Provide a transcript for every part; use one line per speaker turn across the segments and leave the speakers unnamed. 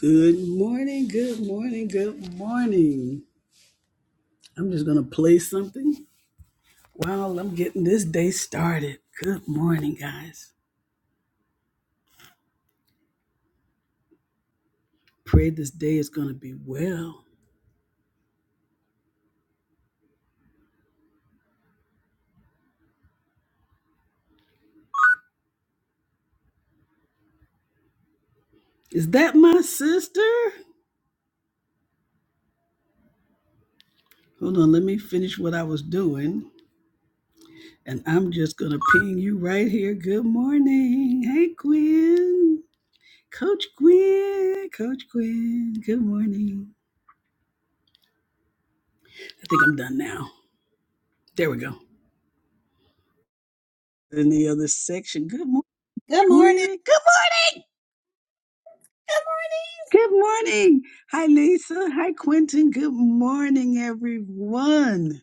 Good morning, good morning, good morning. I'm just going to play something while I'm getting this day started. Good morning, guys. Pray this day is going to be well. Is that my sister? Hold on, let me finish what I was doing. And I'm just going to ping you right here. Good morning. Hey, Gwen. Coach Gwen. Coach Gwen. Good morning. I think I'm done now. There we go. In the other section. Good morning,
Good morning.
Gwen. Good morning. Good morning. Hi, Lisa. Hi, Quentin. Good morning, everyone.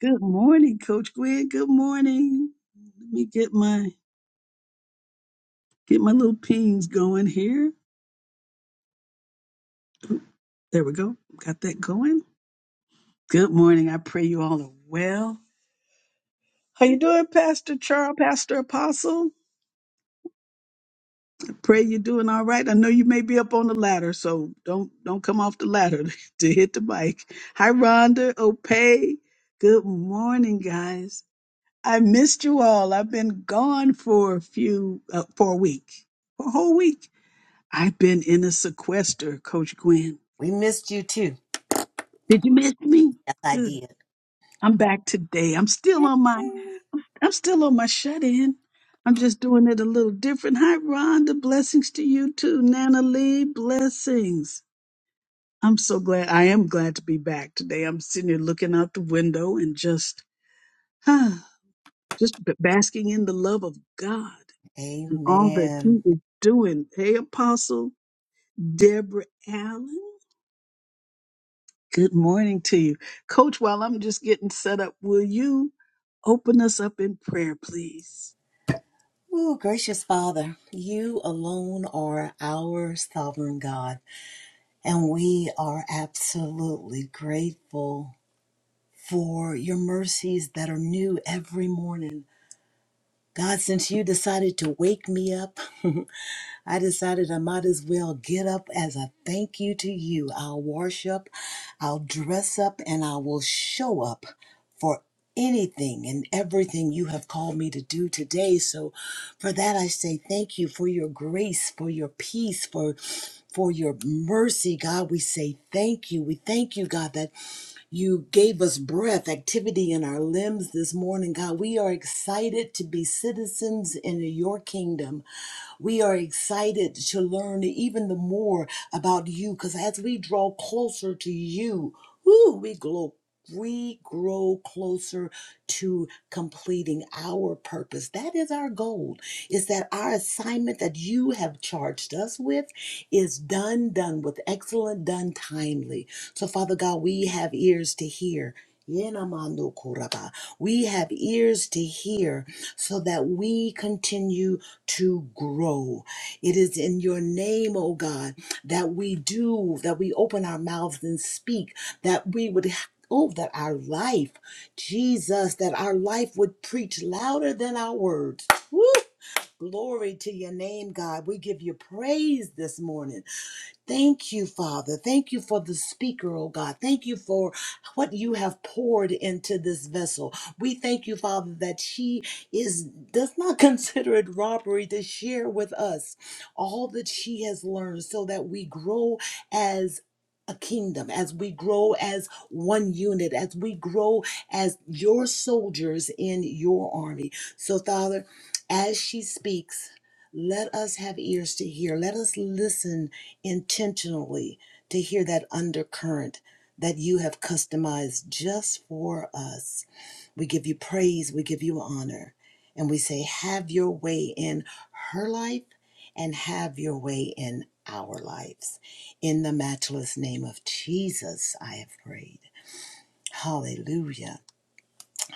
Good morning, Coach Gwen. Good morning. Let me get my get my little pings going here. Oop, There we go. Got that going. Good morning. I pray you all are well. How you doing, Pastor Charles, Pastor Apostle? I pray you're doing all right. I know you may be up on the ladder, so don't don't come off the ladder to hit the mic. Hi, Rhonda, Opay. Good morning, guys. I missed you all. I've been gone for a few, uh, for a week, for a whole week. I've been in a sequester, Coach Gwen.
We missed you too.
Did you miss me?
Yes, I
Good.
did.
I'm back today. I'm still
Yay.
on my, I'm still on my shut in. I'm just doing it a little different. Hi, Rhonda. Blessings to you too. Nana Lee, blessings. I'm so glad. I am glad to be back today. I'm sitting here looking out the window and just, huh, just basking in the love of God and all that
Amen.
he is doing. Hey, Apostle Deborah Allen, good morning to you. Coach, while I'm just getting set up, will you open us up in prayer, please?
Ooh, gracious Father, you alone are our sovereign God, and we are absolutely grateful for your mercies that are new every morning. God, since you decided to wake me up I decided I might as well get up as a thank you to you. I'll wash up, I'll dress up, and I will show up for anything and everything you have called me to do today. So for that I say thank you for your grace, for your peace, for for your mercy, God, we say thank you. We thank you, God, that you gave us breath, activity in our limbs this morning. God, we are excited to be citizens in your kingdom. We are excited to learn even the more about you because as we draw closer to you, woo, we glow. We grow closer to completing our purpose. That is our goal. Is that our assignment that you have charged us with is done, done with excellent, done timely. So, Father God, we have ears to hear. Yenamando kuraba. We have ears to hear so that we continue to grow. It is in your name, oh God, that we do, that we open our mouths and speak, that we would. Oh, that our life, Jesus, that our life would preach louder than our words. Woo! Glory to your name, God. We give you praise this morning. Thank you, Father. Thank you for the speaker, oh God. Thank you for what you have poured into this vessel. We thank you, Father, that she is does not consider it robbery to share with us all that she has learned so that we grow as a kingdom, as we grow as one unit, as we grow as your soldiers in your army. So, Father, as she speaks, let us have ears to hear. Let us listen intentionally to hear that undercurrent that you have customized just for us. We give you praise, we give you honor, and we say, Have your way in her life and have your way in our lives. In the matchless name of Jesus, I have prayed. Hallelujah.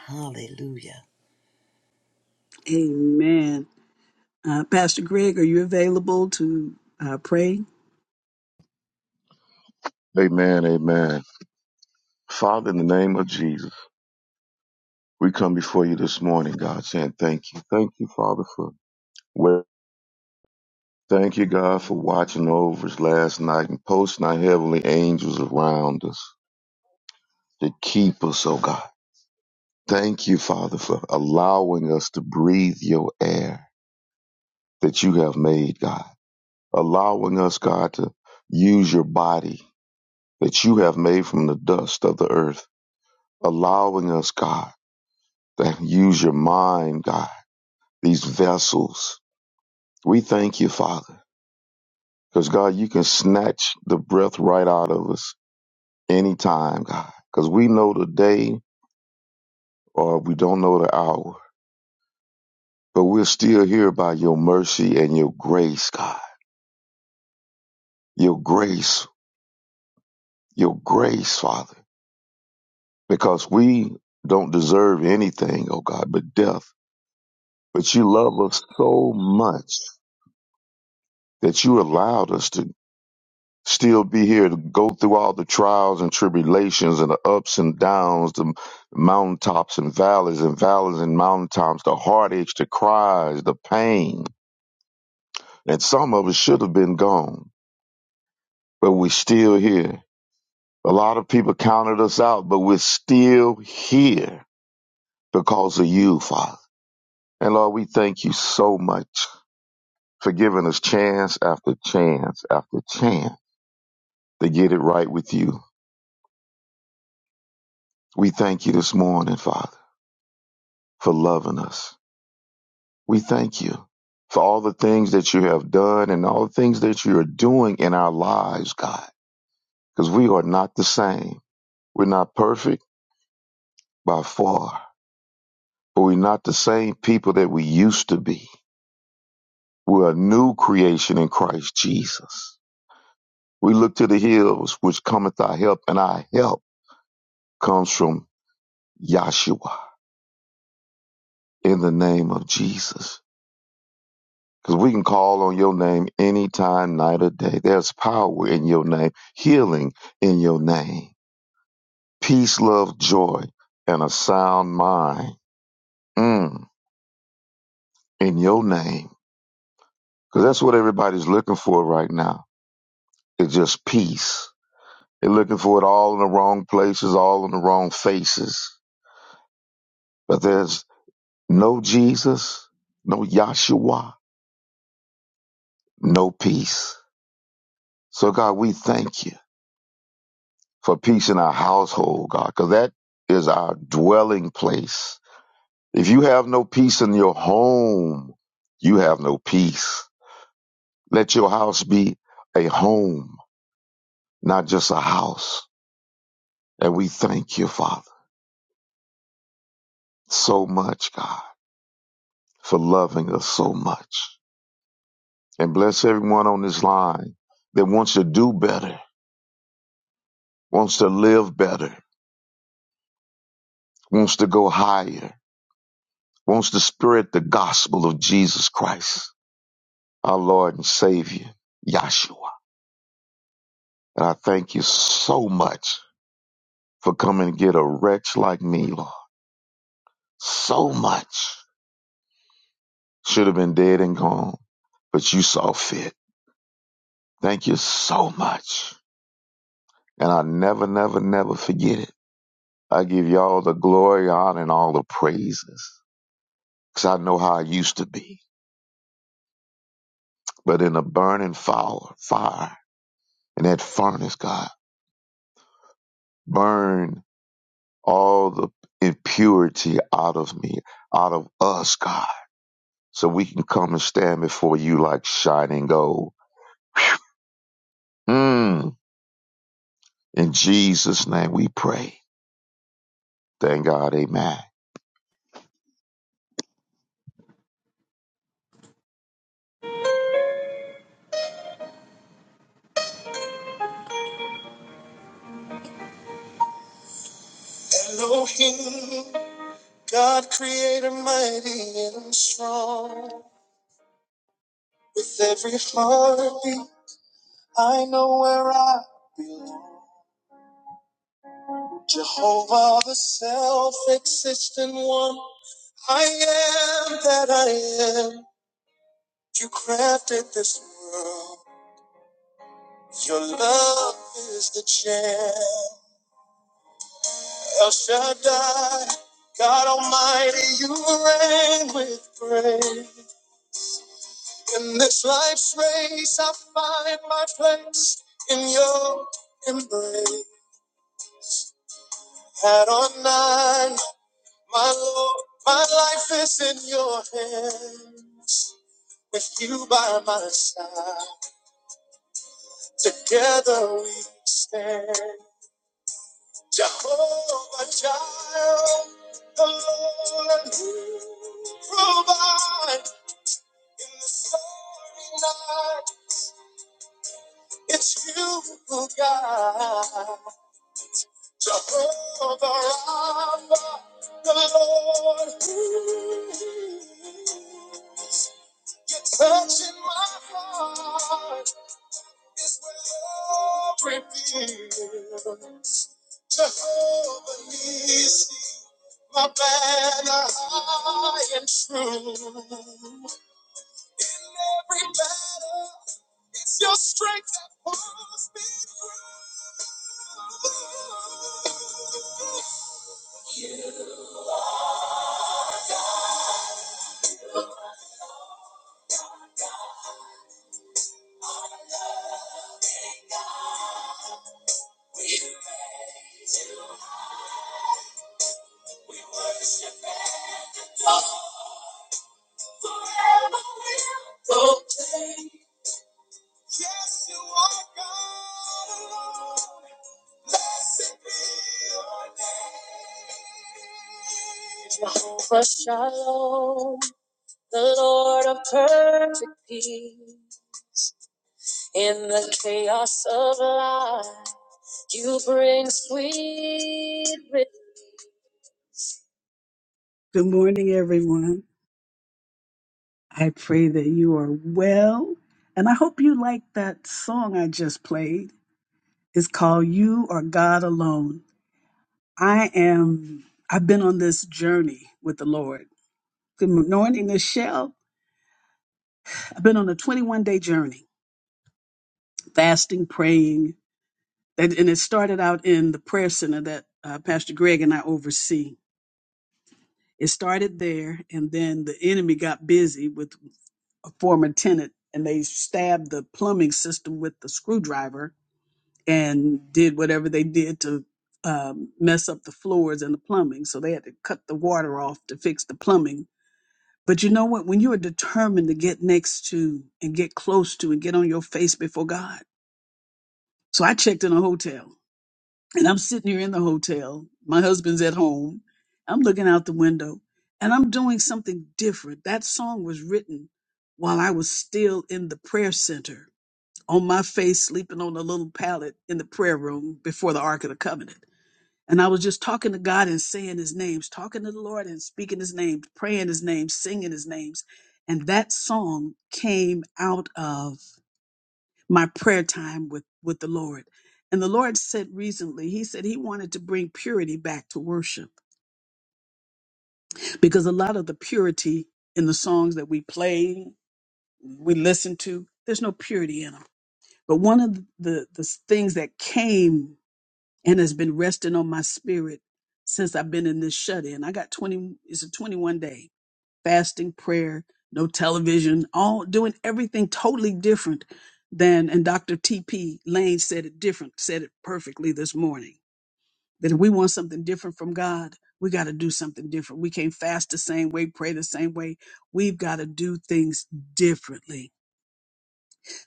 Hallelujah.
Amen. Uh, Pastor Greg, are you available to uh, pray?
Amen, amen. Father, in the name of Jesus, we come before you this morning, God, saying thank you. Thank you, Father, for well, thank you, God, for watching over us last night and posting our heavenly angels around us to keep us, oh God. Thank you, Father, for allowing us to breathe your air that you have made, God. Allowing us, God, to use your body that you have made from the dust of the earth. Allowing us, God, to use your mind, God these vessels. We thank you, Father, because God, you can snatch the breath right out of us anytime, God, because we know the day or we don't know the hour, but we're still here by your mercy and your grace, God. Your grace, your grace, Father, because we don't deserve anything, oh God, but death. But you love us so much that you allowed us to still be here to go through all the trials and tribulations and the ups and downs, the mountaintops and valleys and valleys and mountaintops, the heartaches, the cries, the pain. And some of us should have been gone, but we're still here. A lot of people counted us out, but we're still here because of you, Father. And Lord, we thank you so much for giving us chance after chance after chance to get it right with you. We thank you this morning, Father, for loving us We thank you for all the things that you have done and all the things that you are doing in our lives, God, because we are not the same. We're not perfect by far, but we're not the same people that we used to be. We're a new creation in Christ Jesus. We look to the hills, which cometh our help, and our help comes from Yahshua in the name of Jesus. Because we can call on your name anytime, night or day. There's power in your name, healing in your name. peace, love, joy, and a sound mind mm, in your name. Because that's what everybody's looking for right now. It's just peace. They're looking for it all in the wrong places, all in the wrong faces. But there's no Jesus, no Yahshua, no peace. So, God, we thank you for peace in our household, God, because that is our dwelling place. If you have no peace in your home, you have no peace. Let your house be a home, not just a house. And we thank you, Father, so much, God, for loving us so much. And bless everyone on this line that wants to do better, wants to live better, wants to go higher, wants to spread the gospel of Jesus Christ, our Lord and Savior, Yahshua. And I thank you so much for coming to get a wretch like me, Lord. So much. Should have been dead and gone, but you saw fit. Thank you so much. And I'll never, never, never forget it. I give you all the glory, honor, and all the praises. Because I know how I used to be. But in a burning fire, fire, in that furnace, God, burn all the impurity out of me, out of us, God, so we can come and stand before you like shining gold. Mm. In Jesus' name we pray. Thank God, amen.
Elohim, God creator mighty and strong. With every heartbeat, I know where I belong. Jehovah, the self-existent one. I am that I am. You crafted this world. Your love is the gem. El Shaddai, God Almighty, you reign with grace. In this life's race, I find my place in your embrace. Had on nine, my Lord, my life is in your hands. With you by my side. Together we stand. Jehovah Jireh, the Lord who provides. In the stormy night, it's you who guides. Jehovah Rapha, the Lord who heals. You're touching my heart. is where love reveals. Jehovah Nissi, my banner high and true. In every battle, it's your strength that pulls me through. We praise you We worship at the door. Yes, Jehovah Shalom, the Lord of perfect peace. In the chaos of life, you bring sweet relief. Good morning, everyone. I pray that you are well. And I hope you like that song I just played. It's called You Are God Alone. I am, I've been on this journey with the Lord. Good morning, Michelle. I've been on a 21 day journey, fasting, praying. And, and it started out in the prayer center that uh, Pastor Greg and I oversee. It started there, and then the enemy got busy with a former tenant and they stabbed the plumbing system with the screwdriver and did whatever they did to um, mess up the floors and the plumbing. So they had to cut the water off to fix the plumbing. But you know what? When you are determined to get next to and get close to and get on your face before God. So I checked in a hotel and I'm sitting here in the hotel. My husband's at home. I'm looking out the window and I'm doing something different. That song was written while I was still in the prayer center on my face, sleeping on a little pallet in the prayer room before the Ark of the Covenant. And I was just talking to God and saying his names, talking to the Lord and speaking his name, praying his name, singing his names. And that song came out of my prayer time with, with the Lord. And the Lord said recently, he said he wanted to bring purity back to worship because a lot of the purity in the songs that we play, we listen to, there's no purity in them. But one of the, the things that came and has been resting on my spirit since I've been in this shut in. I got 20, it's a 21 day fasting, prayer, no television, all doing everything totally different than, and Dr. T.P. Lane said it different, said it perfectly this morning that if we want something different from God, we got to do something different. We can't fast the same way, pray the same way. We've got to do things differently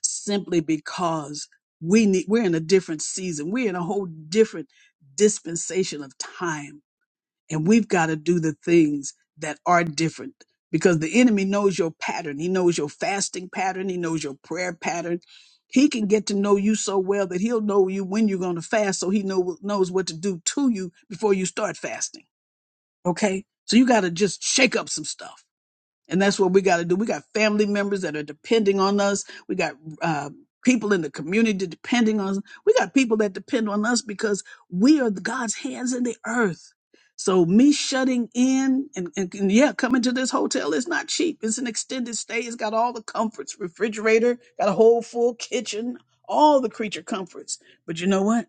simply because we need we're in a different season we're in a whole different dispensation of time and we've got to do the things that are different because the enemy knows your pattern he knows your fasting pattern he knows your prayer pattern he can get to know you so well that he'll know you when you're going to fast so he know, knows what to do to you before you start fasting okay so you got to just shake up some stuff and that's what we got to do. We got family members that are depending on us. We got uh, people in the community depending on us. We got people that depend on us because we are the God's hands in the earth. So me shutting in and, and and yeah, coming to this hotel is not cheap. It's an extended stay. It's got all the comforts, refrigerator, got a whole full kitchen, all the creature comforts. But you know what?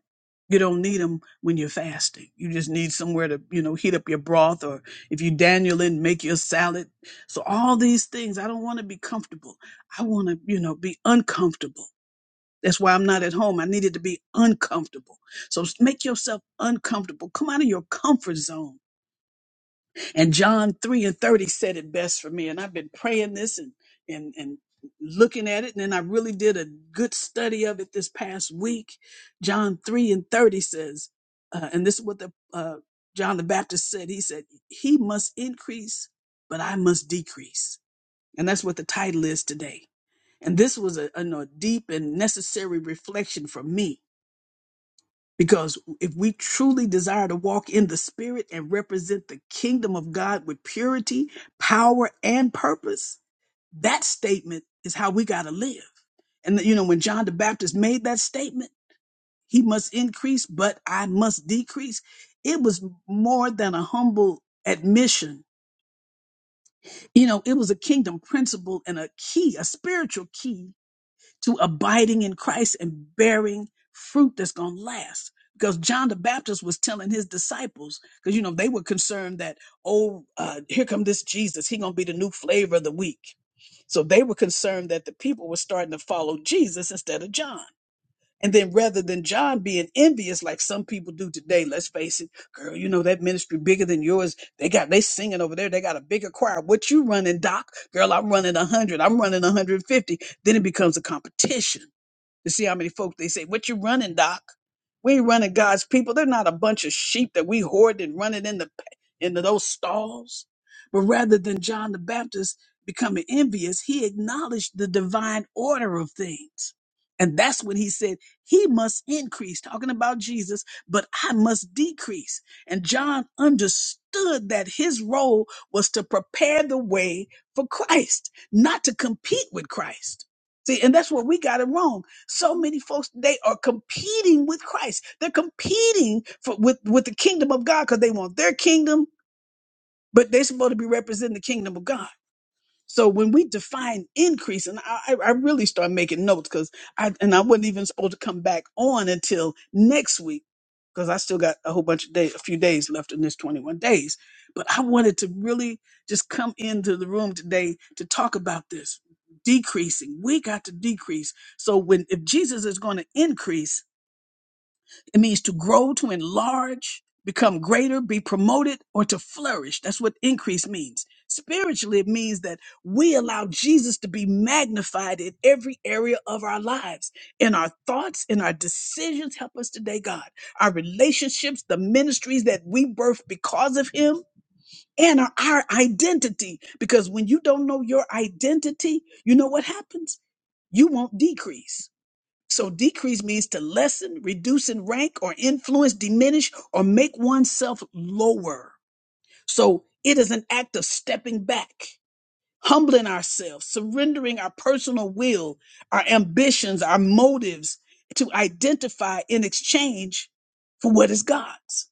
You don't need them when you're fasting. You just need somewhere to, you know, heat up your broth or if you Daniel in, make your salad so all these things, I don't want to be comfortable. I want to, you know, be uncomfortable. That's why I'm not at home. I needed to be uncomfortable. So s- make yourself uncomfortable. Come out of your comfort zone. And John 3 and 30 said it best for me. And I've been praying this and and and looking at it. And then I really did a good study of it this past week. John 3 and 30 says, uh, and this is what the uh, John the Baptist said. He said, He must increase, but I must decrease. And that's what the title is today. And this was a, a, a deep and necessary reflection for me because if we truly desire to walk in the spirit and represent the kingdom of God with purity, power, and purpose, that statement is how we got to live. And, you know, when John the Baptist made that statement, he must increase, but I must decrease. It was more than a humble admission. You know, it was a kingdom principle and a key, a spiritual key to abiding in Christ and bearing fruit that's going to last. Because John the Baptist was telling his disciples, because you know they were concerned that oh, uh, here come this Jesus, he gonna be the new flavor of the week. So they were concerned that the people were starting to follow Jesus instead of John. And then rather than John being envious like some people do today, let's face it, girl, you know that ministry bigger than yours. They got they singing over there. They got a bigger choir. What you running, Doc? Girl, I'm running 100. I'm running 150. Then it becomes a competition to see how many folk they say, What you running, Doc? We ain't running God's people. They're not a bunch of sheep that we hoard and running in the into those stalls. But rather than John the Baptist becoming envious, he acknowledged the divine order of things. And that's when he said, He must increase, talking about Jesus, but I must decrease. And John understood that his role was to prepare the way for Christ, not to compete with Christ. See, and that's what we got it wrong so many folks they are competing with Christ. They're competing for, with with the kingdom of God because they want their kingdom, but they're supposed to be representing the kingdom of God. So when we define increase, and I, I I really start making notes because I and I wasn't even supposed to come back on until next week because I still got a whole bunch of days, a few days left in this 21 days. But I wanted to really just come into the room today to talk about this decreasing. We got to decrease. So when if Jesus is going to increase it means to grow, to enlarge, become greater, be promoted, or to flourish. That's what increase means. Spiritually, it means that we allow Jesus to be magnified in every area of our lives, in our thoughts, in our decisions. Help us today, God. Our relationships, the ministries that we birth because of Him. And our, our identity, because when you don't know your identity, you know what happens? You won't decrease so decrease means to lessen, reduce in rank or influence, diminish, or make oneself lower. So it is an act of stepping back, humbling ourselves, surrendering our personal will, our ambitions, our motives to identify in exchange for what is God's.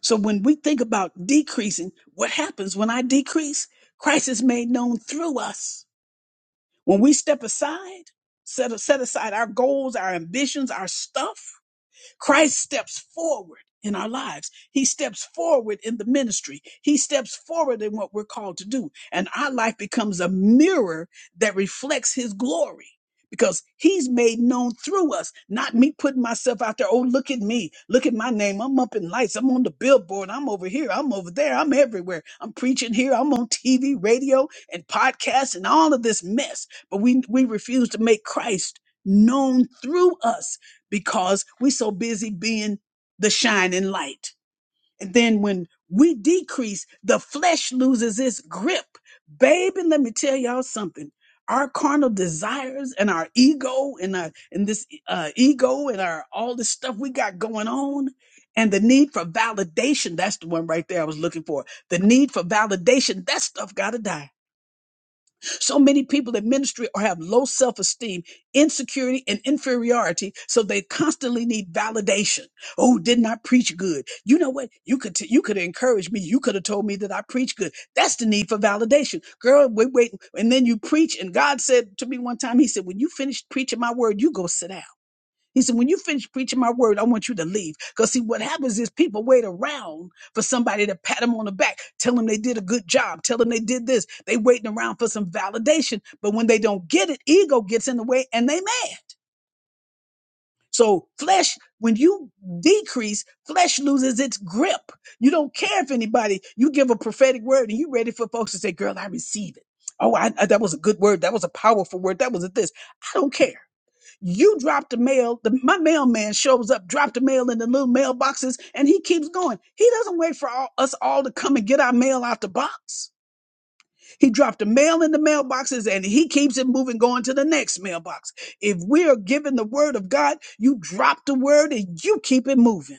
So when we think about decreasing, what happens when I decrease? Christ is made known through us. When we step aside, set, set aside our goals, our ambitions, our stuff, Christ steps forward in our lives. He steps forward in the ministry. He steps forward in what we're called to do. And our life becomes a mirror that reflects his glory because he's made known through us, not me putting myself out there. Oh, look at me. Look at my name. I'm up in lights. I'm on the billboard. I'm over here. I'm over there. I'm everywhere. I'm preaching here. I'm on TV, radio, and podcasts and all of this mess. But we, we refuse to make Christ known through us because we're so busy being the shining light. And then when we decrease, the flesh loses its grip. Baby, let me tell y'all something. Our carnal desires and our ego and our, and this uh, ego and our all this stuff we got going on, and the need for validation. That's the one right there I was looking for. The need for validation. That stuff gotta die so many people in ministry or have low self esteem, insecurity, and inferiority. So they constantly need validation. Oh, didn't I preach good? You know what? You could t- you could encourage me. You could have told me that I preach good. That's the need for validation, girl. Wait, wait, and then you preach. And God said to me one time, He said, when you finish preaching my word, you go sit down. He said, when you finish preaching my word, I want you to leave. Because see, what happens is people wait around for somebody to pat them on the back, tell them they did a good job, tell them they did this. They waiting around for some validation. But when they don't get it, ego gets in the way and they mad. So flesh, when you decrease, flesh loses its grip. You don't care if anybody, you give a prophetic word and you ready for folks to say, girl, I receive it. Oh, I, I- that was a good word. That was a powerful word. That was a this. I don't care. You drop the mail. The, my mailman shows up, drop the mail in the little mailboxes, and he keeps going. He doesn't wait for all, us all to come and get our mail out the box. He dropped the mail in the mailboxes and he keeps it moving, going to the next mailbox. If we are given the word of God, you drop the word and you keep it moving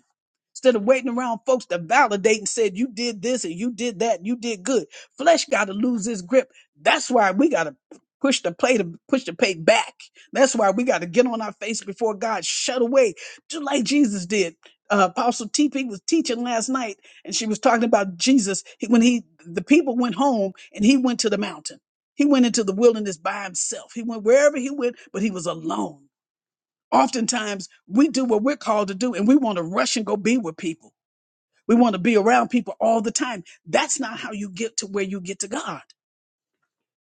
instead of waiting around folks to validate and said you did this and you did that and you did good flesh got to lose its grip that's why we got to push the plate, to push the plate back that's why we got to get on our face before god shut away just like jesus did uh, apostle tp was teaching last night and she was talking about jesus He- when he the people went home and he went to the mountain he went into the wilderness by himself he went wherever he went but he was alone oftentimes we do what we're called to do and we want to rush and go be with people we want to be around people all the time. That's not how you get to where you get to God.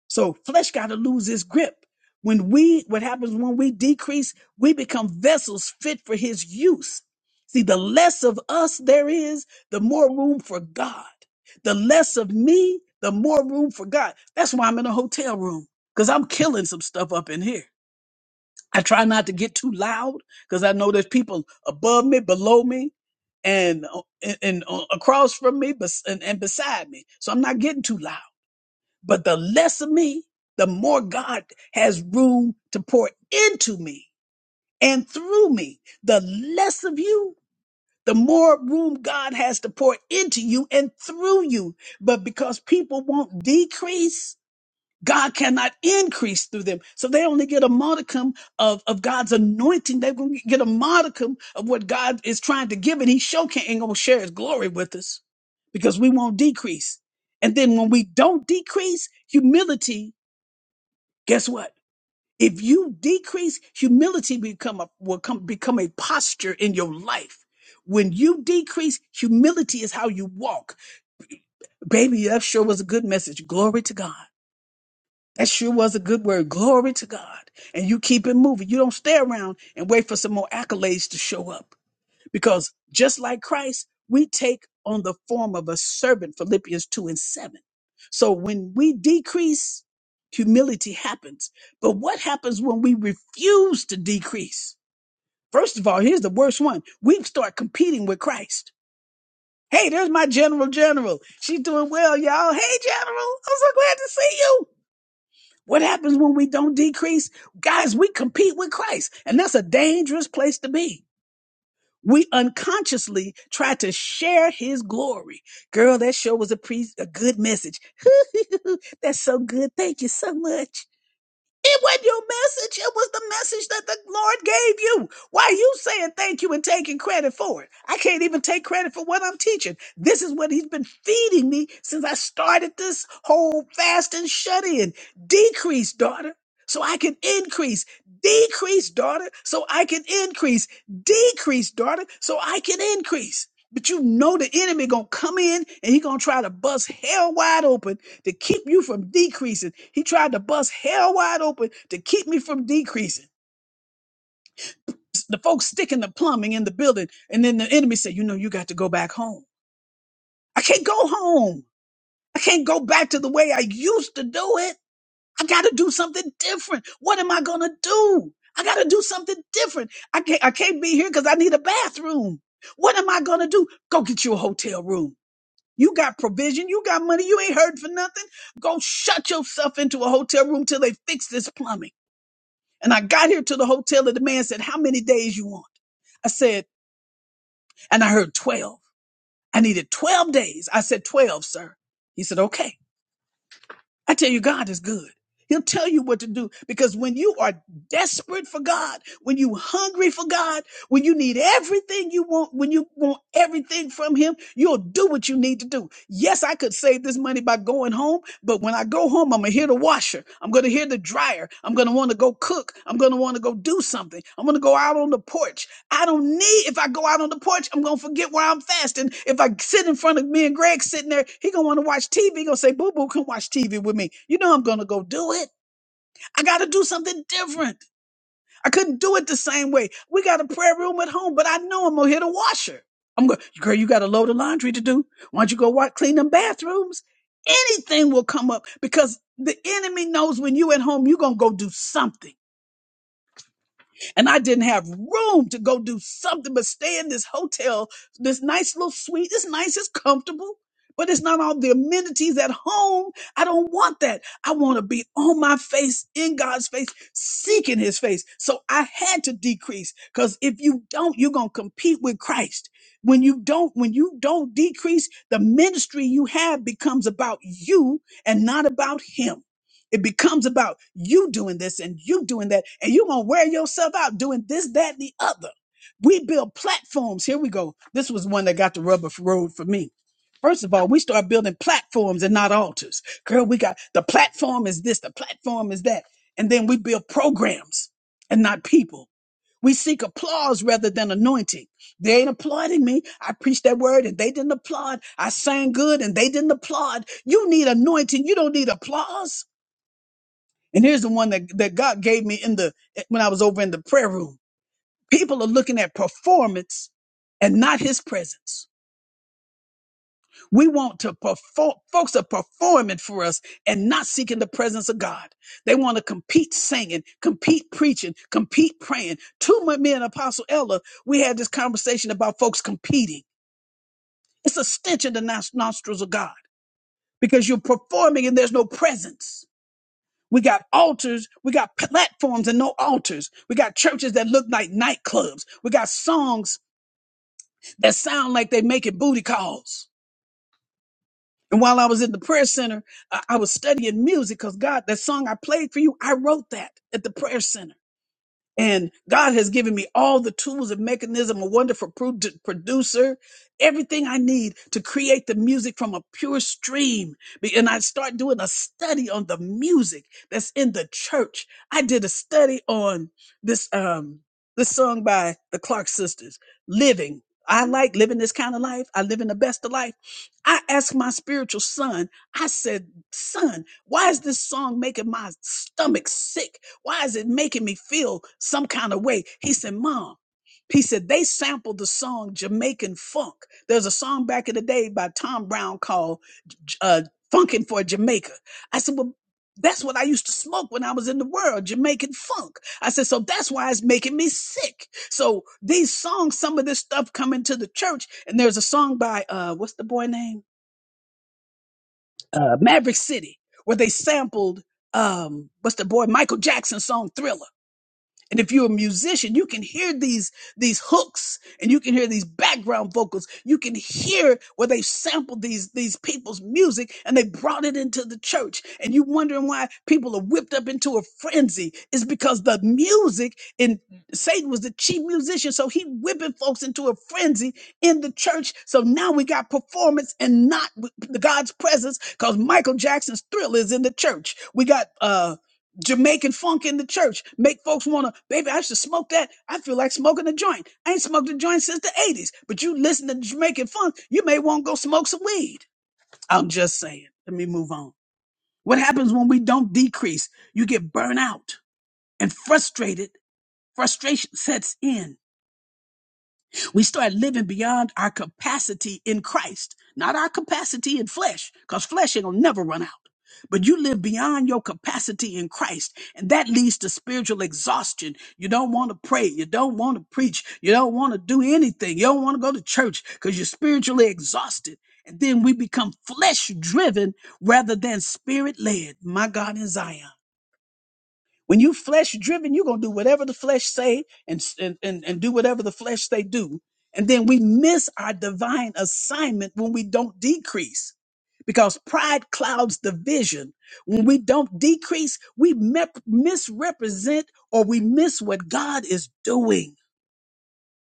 So flesh got to lose its grip. When we, what happens when we decrease, we become vessels fit for his use. See, the less of us there is, the more room for God. The less of me, the more room for God. That's why I'm in a hotel room because I'm killing some stuff up in here. I try not to get too loud because I know there's people above me, below me, and uh, and, and uh, across from me, bes- and, and beside me. So I'm not getting too loud. But the less of me, the more God has room to pour into me and through me. The less of you, the more room God has to pour into you and through you. But because people won't decrease, God cannot increase through them. So they only get a modicum of, of God's anointing. They gonna get a modicum of what God is trying to give, and He sure can't ain't gonna share His glory with us because we won't decrease. And then when we don't decrease, humility. Guess what? If you decrease, humility become a, will come become a posture in your life. When you decrease, humility is how you walk. Baby, that sure was a good message. Glory to God. That sure was a good word. Glory to God. And you keep it moving. You don't stay around and wait for some more accolades to show up. Because just like Christ, we take on the form of a servant, Philippians 2 and 7. So when we decrease, humility happens. But what happens when we refuse to decrease? First of all, here's the worst one. We start competing with Christ. Hey, there's my general general. She's doing well, y'all. Hey, general. I'm so glad to see you. What happens when we don't decrease? Guys, we compete with Christ, and that's a dangerous place to be. We unconsciously try to share his glory. Girl, that sure was a, pre- a good message. That's so good. Thank you so much. It wasn't your message. It was the message that the Lord gave you. Why are you saying thank you and taking credit for it? I can't even take credit for what I'm teaching. This is what He's been feeding me since I started this whole fast and shut in. Decrease, daughter, so I can increase. Decrease, daughter, so I can increase. Decrease, daughter, so I can increase. But you know the enemy gonna come in and he gonna try to bust hell wide open to keep you from decreasing. He tried to bust hell wide open to keep me from decreasing. The folks sticking the plumbing in the building, and then the enemy said, You know, you got to go back home. I can't go home. I can't go back to the way I used to do it. I got to do something different. What am I going to do? I got to do something different. I can't, I can't be here because I need a bathroom. What am I going to do? Go get you a hotel room. You got provision. You got money. You ain't heard for nothing. Go shut yourself into a hotel room till they fix this plumbing. And I got here to the hotel and the man said, how many days you want? I said, and I heard 12. I needed 12 days. I said, 12, sir. He said, okay. I tell you, God is good. He'll tell you what to do because when you are desperate for God, when you hungry for God, when you need everything you want, when you want everything from him, you'll do what you need to do. Yes, I could save this money by going home, but when I go home, I'm going to hear the washer. I'm going to hear the dryer. I'm going to want to go cook. I'm going to want to go do something. I'm going to go out on the porch. I don't need, if I go out on the porch, I'm going to forget where I'm fasting. If I sit in front of me and Greg sitting there, he going to want to watch TV. He going to say, boo boo, come watch TV with me. You know, I'm going to go do it. I got to do something different. I couldn't do it the same way. We got a prayer room at home, but I know I'm going to hit a washer. I'm going, girl, you got a load of laundry to do. Why don't you go watch, clean them bathrooms? Anything will come up because the enemy knows when you at home, you going to go do something and I didn't have room to go do something but stay in this hotel, this nice little suite. It's nice, it's comfortable, but it's not all the amenities at home. I don't want that. I want to be on my face, in God's face, seeking his face. So I had to decrease because if you don't, you're going to compete with Christ. When you don't, when you don't decrease, the ministry you have becomes about you and not about him. It becomes about you doing this and you doing that, and you're gonna wear yourself out doing this, that, and the other. We build platforms. Here we go. This was one that got the rubber f- road for me. First of all, we start building platforms and not altars. Girl, we got the platform is this, the platform is that. And then we build programs and not people. We seek applause rather than anointing. They ain't applauding me. I preached that word and they didn't applaud. I sang good and they didn't applaud. You need anointing. You don't need applause. And here's the one that, that God gave me in the when I was over in the prayer room. People are looking at performance and not his presence. We want to perform folks are performing for us and not seeking the presence of God. They want to compete singing, compete preaching, compete praying. Two months me and Apostle Ella, we had this conversation about folks competing. It's a stench in the nos- nostrils of God because you're performing and there's no presence. We got altars. We got platforms and no altars. We got churches that look like nightclubs. We got songs that sound like they making booty calls. And while I was in the prayer center, I I was studying music because God, that song I played for you, I wrote that at the prayer center. And God has given me all the tools and mechanism, a wonderful pro- producer, everything I need to create the music from a pure stream. Be- And I start doing a study on the music that's in the church. I did a study on this um this song by the Clark sisters, Living. I like living this kind of life. I live in the best of life. I asked my spiritual son, I said, son, why is this song making my stomach sick? Why is it making me feel some kind of way? He said, Mom, he said, they sampled the song Jamaican Funk. There's a song back in the day by Tom Brown called uh, Funkin' for Jamaica. I said, Well, that's what I used to smoke when I was in the world, Jamaican funk. I said, so that's why it's making me sick. So these songs, some of this stuff coming to the church, and there's a song by uh what's the boy name? Uh Maverick City, where they sampled um what's the boy Michael Jackson's song Thriller and if you're a musician, you can hear these these hooks and you can hear these background vocals. You can hear where they sampled these these people's music and they brought it into the church. And you wondering why people are whipped up into a frenzy It's because the music and Satan was the chief musician, so he whipping folks into a frenzy in the church. So now we got performance and not with God's presence because Michael Jackson's Thriller is in the church. We got uh Jamaican funk in the church. Make folks wanna, baby, I should smoke that. I feel like smoking a joint. I ain't smoked a joint since the 80s. But you listen to Jamaican funk, you may want to go smoke some weed. I'm just saying. Let me move on. What happens when we don't decrease? You get burnt out and frustrated. Frustration sets in. We start living beyond our capacity in Christ, not our capacity in flesh, because flesh ain't gonna never run out. But you live beyond your capacity in Christ, and that leads to spiritual exhaustion. You don't want to pray, you don't want to preach, you don't want to do anything, you don't want to go to church because you're spiritually exhausted. And then we become flesh driven rather than spirit led. My God in Zion. When you flesh driven, you're gonna do whatever the flesh say and, and and and do whatever the flesh they do. And then we miss our divine assignment when we don't decrease because pride clouds the vision. When we don't decrease, we mep- misrepresent or we miss what God is doing.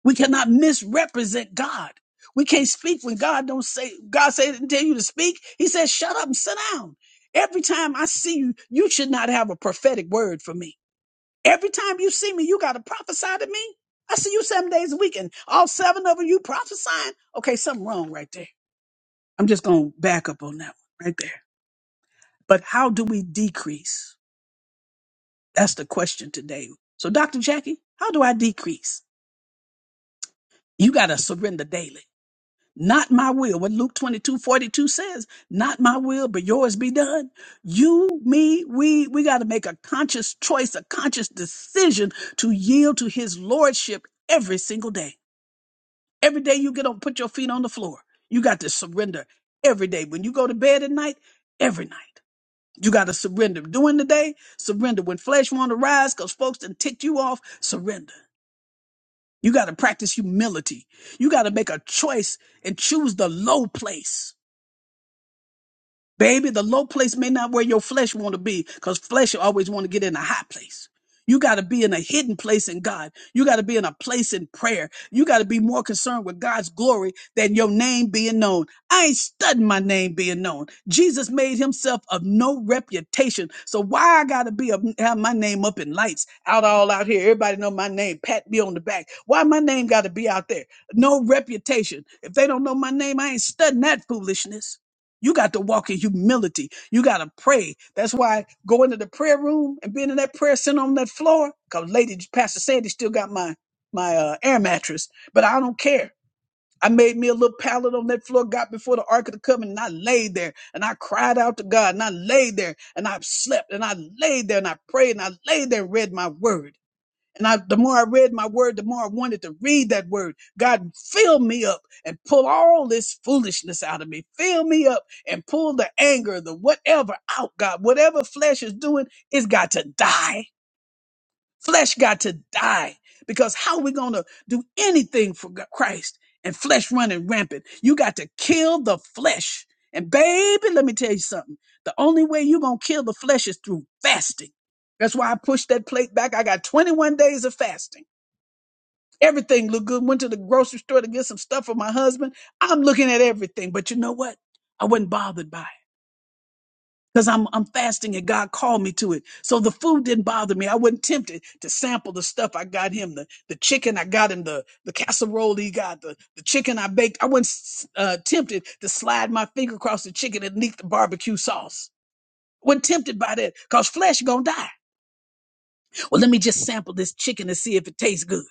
We cannot misrepresent God. We can't speak when God don't say God say didn't tell you to speak. He says, shut up and sit down. Every time I see you, you should not have a prophetic word for me. Every time you see me, you got to prophesy to me. I see you seven days a week and all seven of you prophesying. Okay, something wrong right there. I'm just going to back up on that one right there. But how do we decrease? That's the question today. So, Dr. Jackie, how do I decrease? You got to surrender daily. Not my will. What Luke 22 42 says, not my will, but yours be done. You, me, we, we got to make a conscious choice, a conscious decision to yield to his lordship every single day. Every day you get up, put your feet on the floor. You got to surrender every day. When you go to bed at night, every night. You got to surrender. During the day, surrender. When flesh want to rise because folks done ticked you off, surrender. You got to practice humility. You got to make a choice and choose the low place Baby, the low place may not where your flesh want to be because flesh always want to get in a high place. You got to be in a hidden place in God. You got to be in a place in prayer. You got to be more concerned with God's glory than your name being known. I ain't studying my name being known. Jesus made himself of no reputation. So why I got to be up, have my name up in lights out all out here? Everybody know my name. Pat me on the back. Why my name got to be out there? No reputation. If they don't know my name, I ain't studying that foolishness. You got to walk in humility. You got to pray. That's why going to the prayer room and being in that prayer center on that floor. Cause Lady Pastor Sandy still got my my uh, air mattress, but I don't care. I made me a little pallet on that floor, got before the Ark of the Covenant, and I laid there and I cried out to God and I laid there and I slept and I laid there and I prayed and I laid there and read my word. And I, the more I read my word, the more I wanted to read that word. God, fill me up and pull all this foolishness out of me. Fill me up and pull the anger, the whatever out, God. Whatever flesh is doing, it's got to die. Flesh got to die. Because how are we going to do anything for G- Christ and flesh running rampant? You got to kill the flesh. And baby, let me tell you something. The only way you going to kill the flesh is through fasting. That's why I pushed that plate back. I got 21 days of fasting. Everything looked good. Went to the grocery store to get some stuff for my husband. I'm looking at everything, but you know what? I wasn't bothered by it because I'm I'm fasting and God called me to it. So the food didn't bother me. I wasn't tempted to sample the stuff I got him the the chicken I got him the the casserole he got the the chicken I baked. I wasn't uh, tempted to slide my finger across the chicken and leak the barbecue sauce. Wasn't tempted by that because flesh gonna die. Well, let me just sample this chicken and see if it tastes good.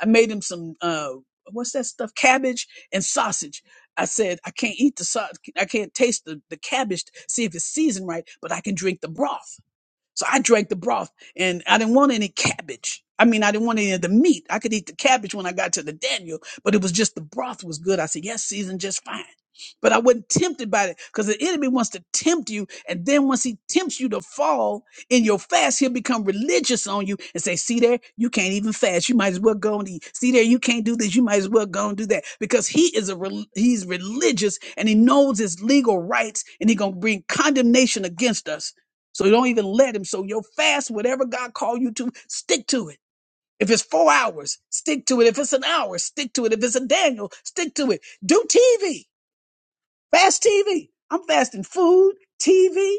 I made him some uh what's that stuff? Cabbage and sausage. I said, I can't eat the sausage. I can't taste the, the cabbage to see if it's seasoned right, but I can drink the broth. So I drank the broth and I didn't want any cabbage. I mean, I didn't want any of the meat. I could eat the cabbage when I got to the Daniel, but it was just the broth was good. I said, yes, seasoned just fine. But I wasn't tempted by it because the enemy wants to tempt you. And then once he tempts you to fall in your fast, he'll become religious on you and say, see there, you can't even fast. You might as well go and eat. See there, you can't do this. You might as well go and do that because he is a, rel- he's religious and he knows his legal rights and he's going to bring condemnation against us so don't even let him. So your fast, whatever God called you to, stick to it. If it's four hours, stick to it. If it's an hour, stick to it. If it's a Daniel, stick to it. Do TV, fast TV. I'm fasting food, TV,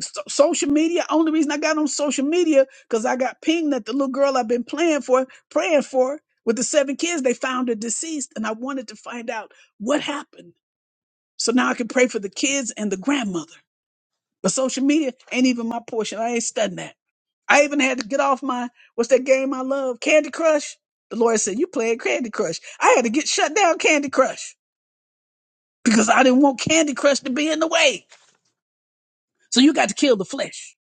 so- social media. Only reason I got on social media because I got pinged that the little girl I've been playing for, praying for with the seven kids, they found her deceased. And I wanted to find out what happened. So now I can pray for the kids and the grandmother. But social media ain't even my portion. I ain't studying that. I even had to get off my what's that game I love, Candy Crush. The lawyer said, "You playing Candy Crush." I had to get shut down Candy Crush because I didn't want Candy Crush to be in the way. So you got to kill the flesh,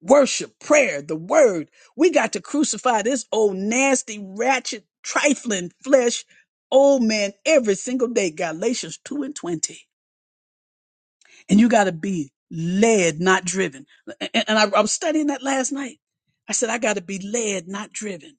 worship, prayer, the word. We got to crucify this old nasty, ratchet, trifling flesh, old man, every single day. Galatians two and twenty, and you got to be led, not driven. And, and I, I was studying that last night. I said, I got to be led, not driven.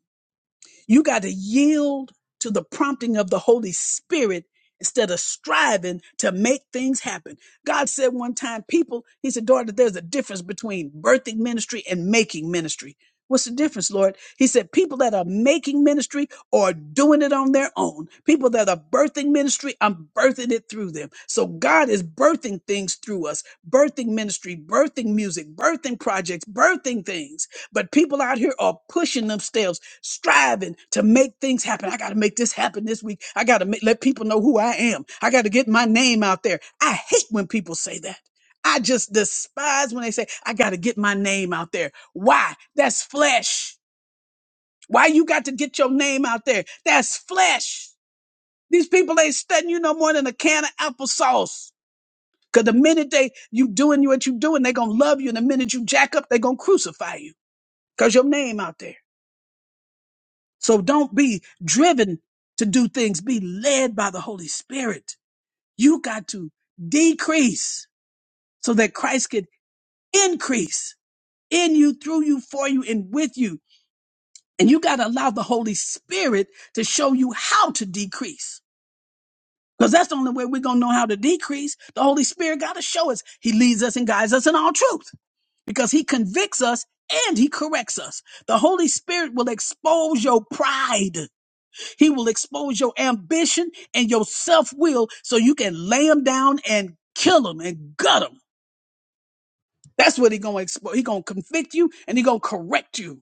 You got to yield to the prompting of the Holy Spirit instead of striving to make things happen. God said one time, people, he said, daughter, there's a difference between birthing ministry and making ministry. What's the difference, Lord? He said, people that are making ministry or doing it on their own. People that are birthing ministry, I'm birthing it through them. So God is birthing things through us, birthing ministry, birthing music, birthing projects, birthing things. But people out here are pushing themselves striving to make things happen. I got to make this happen this week. I got to make, let people know who I am. I got to get my name out there. I hate when people say that. I just despise when they say, I got to get my name out there. Why? That's flesh. Why you got to get your name out there? That's flesh. These people ain't studying you no more than a can of applesauce. Cause the minute they you doing what you doing, they gonna love you. And the minute you jack up, they gonna crucify you. Cause your name out there. So don't be driven to do things, be led by the Holy Spirit. You got to decrease so that Christ can increase in you, through you, for you, and with you. And you got to allow the Holy Spirit to show you how to decrease. Because that's the only way we're going to know how to decrease. The Holy Spirit got to show us. He leads us and guides us in all truth because he convicts us and he corrects us. The Holy Spirit will expose your pride. He will expose your ambition and your self will so you can lay him down and kill him and gut him. That's what he gonna expose. He gonna convict you and he gonna correct you.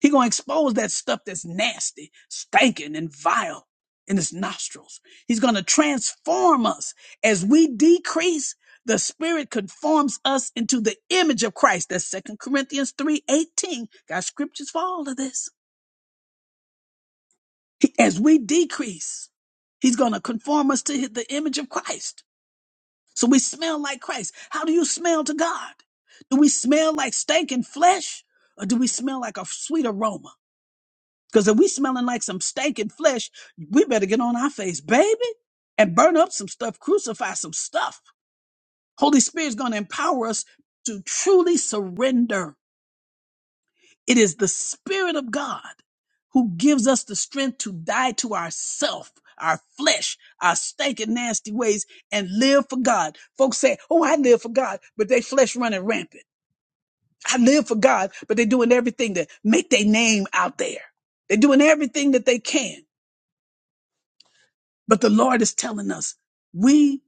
He gonna expose that stuff that's nasty, stinking, and vile in his nostrils. He's gonna transform us as we decrease. The Spirit conforms us into the image of Christ. That's Second Corinthians three eighteen. Got scriptures for all of this. He- As we decrease, he's going to conform us to hi- the image of Christ. So we smell like Christ. How do you smell to God? Do we smell like stinking flesh or do we smell like a sweet aroma? Because if we smelling like some stinking flesh, we better get on our face, baby, and burn up some stuff, crucify some stuff. Holy Spirit's going to empower us to truly surrender It is the Spirit of God who gives us the strength to die to ourself, our flesh, our stinking nasty ways, and live for God. Folks say, Oh, I live for God, but they flesh running rampant. I live for God, but they're doing everything to make their name out there. They're doing everything that they can. But the Lord is telling us, we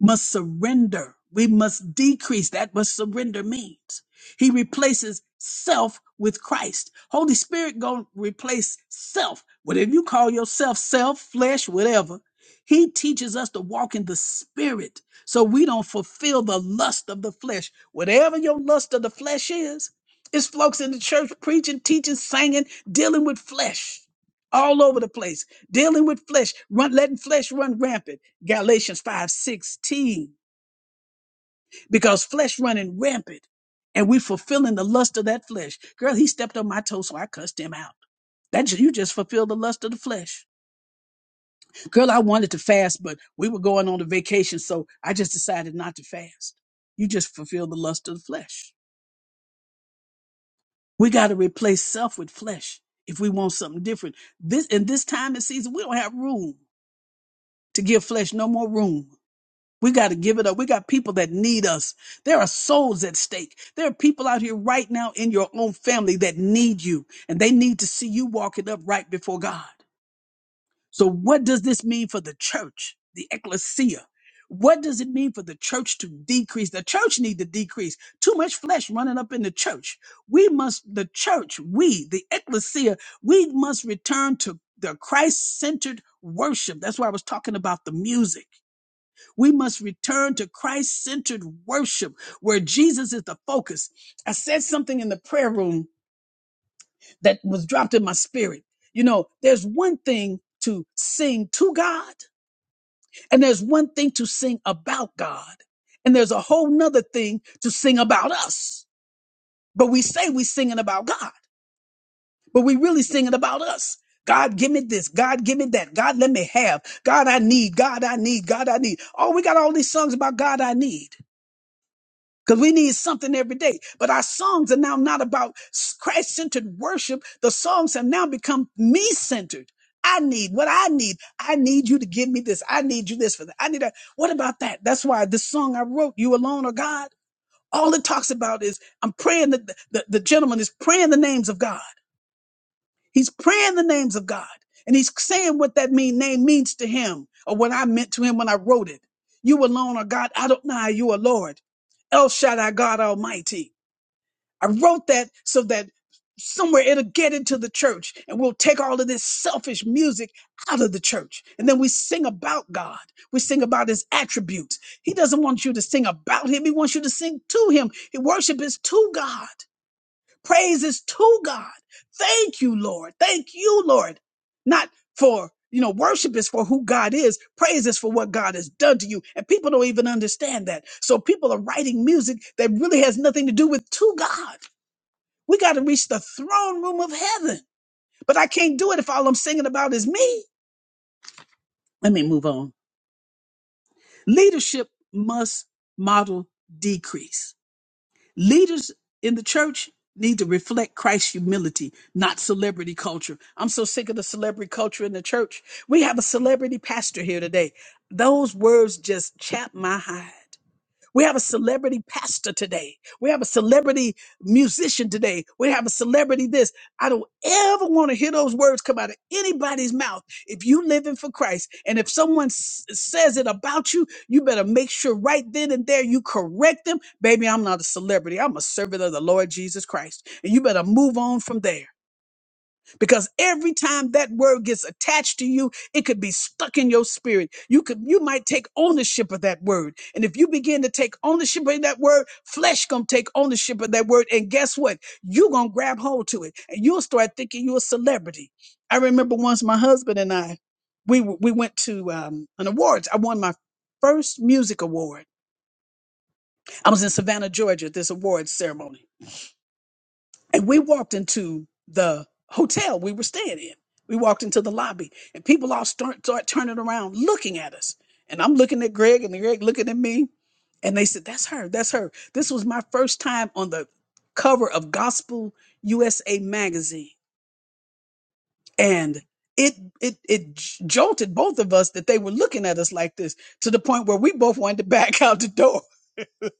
must surrender. We must decrease. That what surrender means. He replaces self with Christ. Holy Spirit gonna replace self. Whatever you call yourself, self, flesh, whatever. He teaches us to walk in the spirit so we don't fulfill the lust of the flesh. Whatever your lust of the flesh is, it's folks in the church preaching, teaching, singing, dealing with flesh all over the place, dealing with flesh, run, letting flesh run rampant Galatians 5 16 because flesh running rampant and we fulfilling the lust of that flesh. Girl, he stepped on my toe, so I cussed him out. That ju- you just fulfilled the lust of the flesh. Girl, I wanted to fast, but we were going on a vacation, so I just decided not to fast. You just fulfilled the lust of the flesh. We got to replace self with flesh if we want something different. This in this time and season, we don't have room to give flesh no more room. We got to give it up. We got people that need us. There are souls at stake. There are people out here right now in your own family that need you and they need to see you walking up right before God. So what does this mean for the church, the ecclesia? What does it mean for the church to decrease? The church need to decrease. Too much flesh running up in the church. We must, the church, we, the ecclesia, we must return to the Christ-centered worship. That's why I was talking about the music we must return to Christ centered worship where Jesus is the focus. I said something in the prayer room that was dropped in my spirit. You know, there's one thing to sing to God, and there's one thing to sing about God, and there's a whole nother thing to sing about us. But we say we singing about God, but we really singing about us. God, give me this. God, give me that. God, let me have. God, I need. God, I need. God, I need. Oh, we got all these songs about God, I need. Because we need something every day. But our songs are now not about Christ centered worship. The songs have now become me centered. I need what I need. I need you to give me this. I need you this for that. I need that. What about that? That's why this song I wrote, You Alone Are God, all it talks about is I'm praying that the, the, the gentleman is praying the names of God. He's praying the names of God and he's saying what that mean name means to him or what I meant to him when I wrote it. You alone are God. Adonai, you are Lord. El Shaddai, God Almighty. I wrote that so that somewhere it'll get into the church and we'll take all of this selfish music out of the church. And then we sing about God. We sing about his attributes. He doesn't want you to sing about him. He wants you to sing to him. He worship is to God praises to God. Thank you, Lord. Thank you, Lord. Not for, you know, worship is for who God is. Praise is for what God has done to you. And people don't even understand that. So people are writing music that really has nothing to do with to God. We got to reach the throne room of heaven. But I can't do it if all I'm singing about is me. Let me move on. Leadership must model decrease Leaders in the church need to reflect Christ's humility, not celebrity culture. I'm so sick of the celebrity culture in the church. We have a celebrity pastor here today. Those words just chap my hide. We have a celebrity pastor today. We have a celebrity musician today. We have a celebrity this. I don't ever want to hear those words come out of anybody's mouth. If you living for Christ and if someone s- says it about you, you better make sure right then and there you correct them. Baby, I'm not a celebrity. I'm a servant of the Lord Jesus Christ. And you better move on from there because every time that word gets attached to you it could be stuck in your spirit you could you might take ownership of that word and if you begin to take ownership of that word flesh gonna take ownership of that word and guess what you gonna grab hold to it and you'll start thinking you're a celebrity i remember once my husband and i we w- we went to um, an awards i won my first music award i was in savannah georgia at this awards ceremony and we walked into the hotel we were staying in. We walked into the lobby, and people all start, start turning around looking at us. And I'm looking at Greg, and Greg looking at me. And they said, That's her. That's her. This was my first time on the cover of Gospel USA magazine and it it it j- jolted both of us that they were looking at us like this to the point where we both wanted to back out the door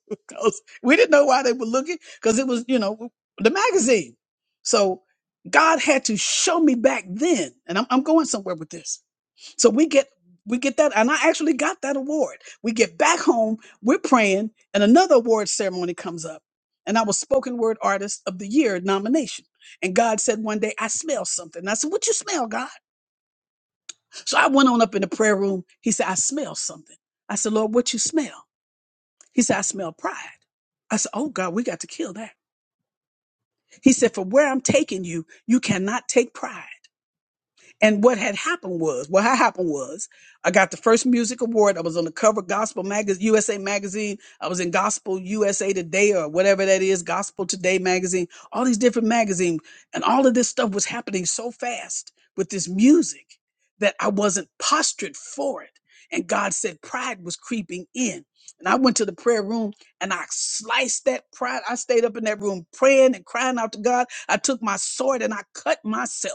because we didn't know why they were looking because it was you know the magazine so god had to show me back then and i'm, I'm going somewhere with this so we get we get that, and I actually got that award. We get back home, we're praying, and another award ceremony comes up. And I was spoken word artist of the year nomination. And God said one day, I smell something. And I said, What you smell, God? So I went on up in the prayer room. He said, I smell something. I said, Lord, what you smell? He said, I smell pride. I said, Oh God, we got to kill that. He said, For where I'm taking you, you cannot take pride. And what had happened was, what had happened was, I got the first music award. I was on the cover of Gospel Magazine, USA Magazine. I was in Gospel USA Today or whatever that is, Gospel Today Magazine, all these different magazines. And all of this stuff was happening so fast with this music that I wasn't postured for it. And God said pride was creeping in. And I went to the prayer room and I sliced that pride. I stayed up in that room praying and crying out to God. I took my sword and I cut myself.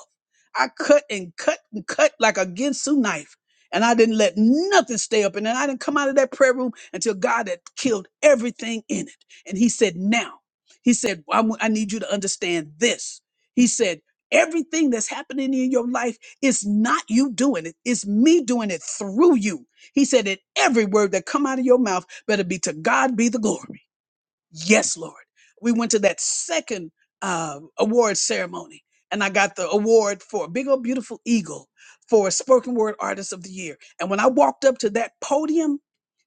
I cut and cut and cut like a Ginsu knife. And I didn't let nothing stay up. in there. I didn't come out of that prayer room until God had killed everything in it. And he said, now, he said, I want- I need you to understand this. He said, everything that's happening in your life is not you doing it. It's me doing it through you. He said, "That every word that come out of your mouth better be to God be the glory. Yes, Lord. We went to that second uh, award ceremony, and I got the award for a Big Old Beautiful Eagle for Spoken Word Artist of the Year. And when I walked up to that podium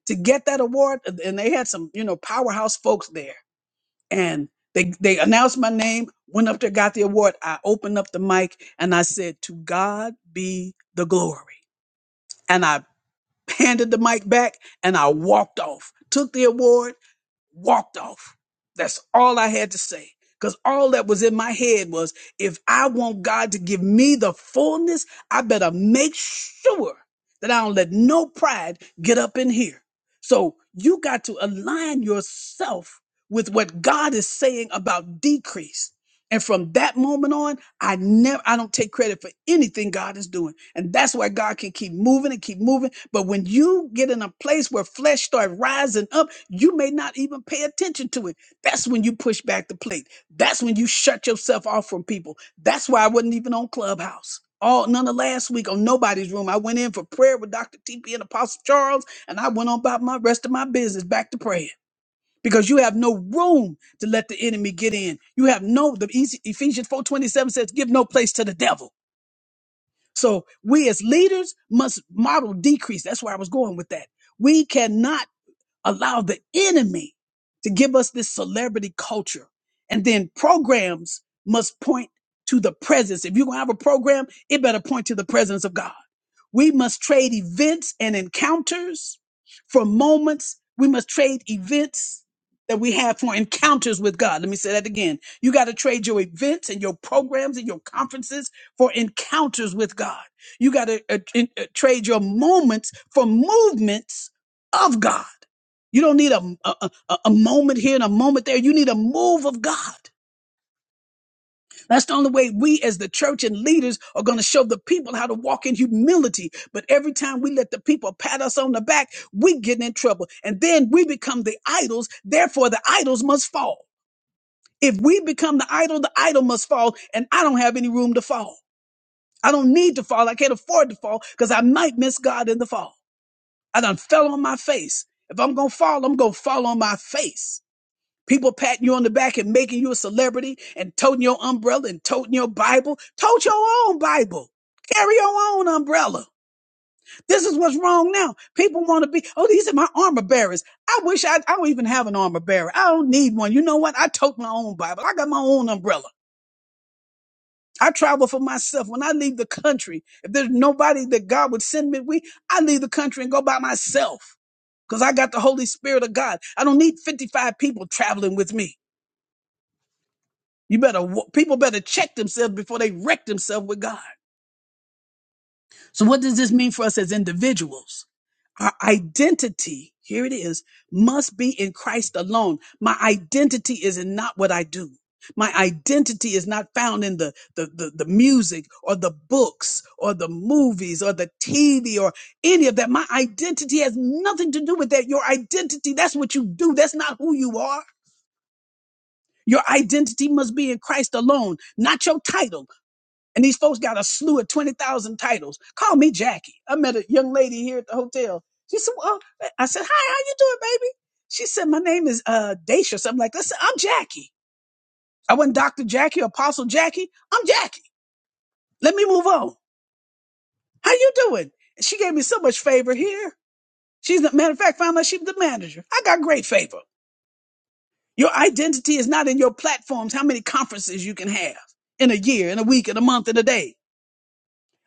to get that award, and they had some, you know, powerhouse folks there, and they, they announced my name, went up there, got the award. I opened up the mic and I said, To God be the glory. And I handed the mic back and I walked off, took the award walked off. That's all I had to say. Because all that was in my head was if I want God to give me the fullness, I better make sure that I don't let no pride get up in here. So you got to align yourself with what God is saying about decrease. And from that moment on, I never I don't take credit for anything God is doing. And that's why God can keep moving and keep moving. But when you get in a place where flesh start rising up, you may not even pay attention to it. That's when you push back the plate. That's when you shut yourself off from people. That's why I wasn't even on Clubhouse. All none of last week on nobody's room. I went in for prayer with Dr. TP and Apostle Charles, and I went on about my rest of my business back to praying. Because you have no room to let the enemy get in. You have no the Ephes- Ephesians 4:27 says, give no place to the devil. So we as leaders must model decrease. That's where I was going with that. We cannot allow the enemy to give us this celebrity culture. And then programs must point to the presence. If you're going to have a program, it better point to the presence of God. We must trade events and encounters for moments. We must trade events that we have for encounters with God. Let me say that again. You got to trade your events and your programs and your conferences for encounters with God. You got to uh, in- uh, trade your moments for movements of God. You don't need a, a, a, a moment here and a moment there. You need a move of God. That's the only way we as the church and leaders are going to show the people how to walk in humility. But every time we let the people pat us on the back, we get in trouble. And then we become the idols. Therefore, the idols must fall. If we become the idol, the idol must fall. And I don't have any room to fall. I don't need to fall. I can't afford to fall because I might miss God in the fall. I done fell on my face. If I'm going to fall, I'm going to fall on my face. People patting you on the back and making you a celebrity and toting your umbrella and toting your Bible. Tote your own Bible. Carry your own umbrella. This is what's wrong now. People want to be, oh, these are my armor bearers. I wish I, I don't even have an armor bearer. I don't need one. You know what? I tote my own Bible. I got my own umbrella. I travel for myself. When I leave the country, if there's nobody that God would send me with, I leave the country and go by myself because I got the Holy Spirit of God. I don't need 55 people traveling with me. You better wa- people better check themselves before they wreck themselves with God. So what does this mean for us as individuals? Our identity, here it is, must be in Christ alone. My identity is in not what I do. My identity is not found in the, the, the, the music or the books or the movies or the TV or any of that. My identity has nothing to do with that. Your identity, that's what you do. That's not who you are. Your identity must be in Christ alone, not your title And these folks got a slew of 20,000 titles. Call me Jackie. I met a young lady here at the hotel. She said, well, I said, hi, how you doing, baby? She said, my name is uh, Daisha, something like that. I said, I'm Jackie. I wasn't Dr. Jackie, Apostle Jackie. I'm Jackie. Let me move on. How you doing? And she gave me so much favor here. She's the matter of fact, found out she's the manager. I got great favor. Your identity is not in your platforms, how many conferences you can have in a year, in a week, in a month, in a day.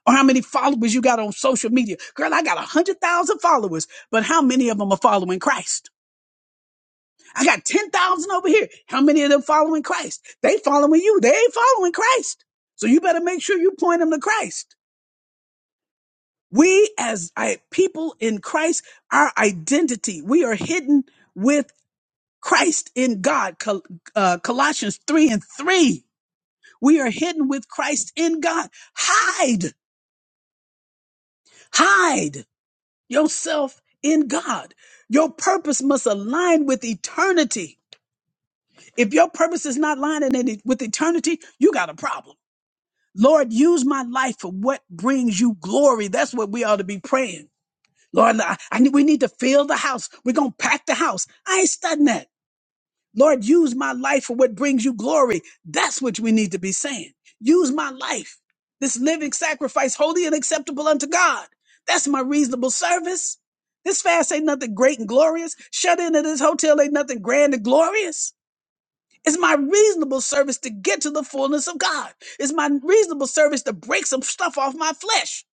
or how many followers you got on social media. Girl, I got a hundred thousand followers, but how many of them are following Christ? I got 10,000 over here. How many of them following Christ? They following you. They ain't following Christ. So you better make sure you point them to Christ. We as I, people in Christ, our identity, we are hidden with Christ in God. Col, uh, Colossians 3 and 3. We are hidden with Christ in God. Hide, hide. yourself in God. Your purpose must align with eternity. If your purpose is not aligning in- with eternity, you got a problem. Lord, use my life for what brings you glory. That's what we ought to be praying. Lord, I, I need, we need to fill the house. We're going to pack the house. I ain't studying that. Lord, use my life for what brings you glory. That's what we need to be saying. Use my life, this living sacrifice, holy and acceptable unto God. That's my reasonable service. This fast ain't nothing great and glorious. Shut in at this hotel ain't nothing grand and glorious. It's my reasonable service to get to the fullness of God. It's my reasonable service to break some stuff off my flesh.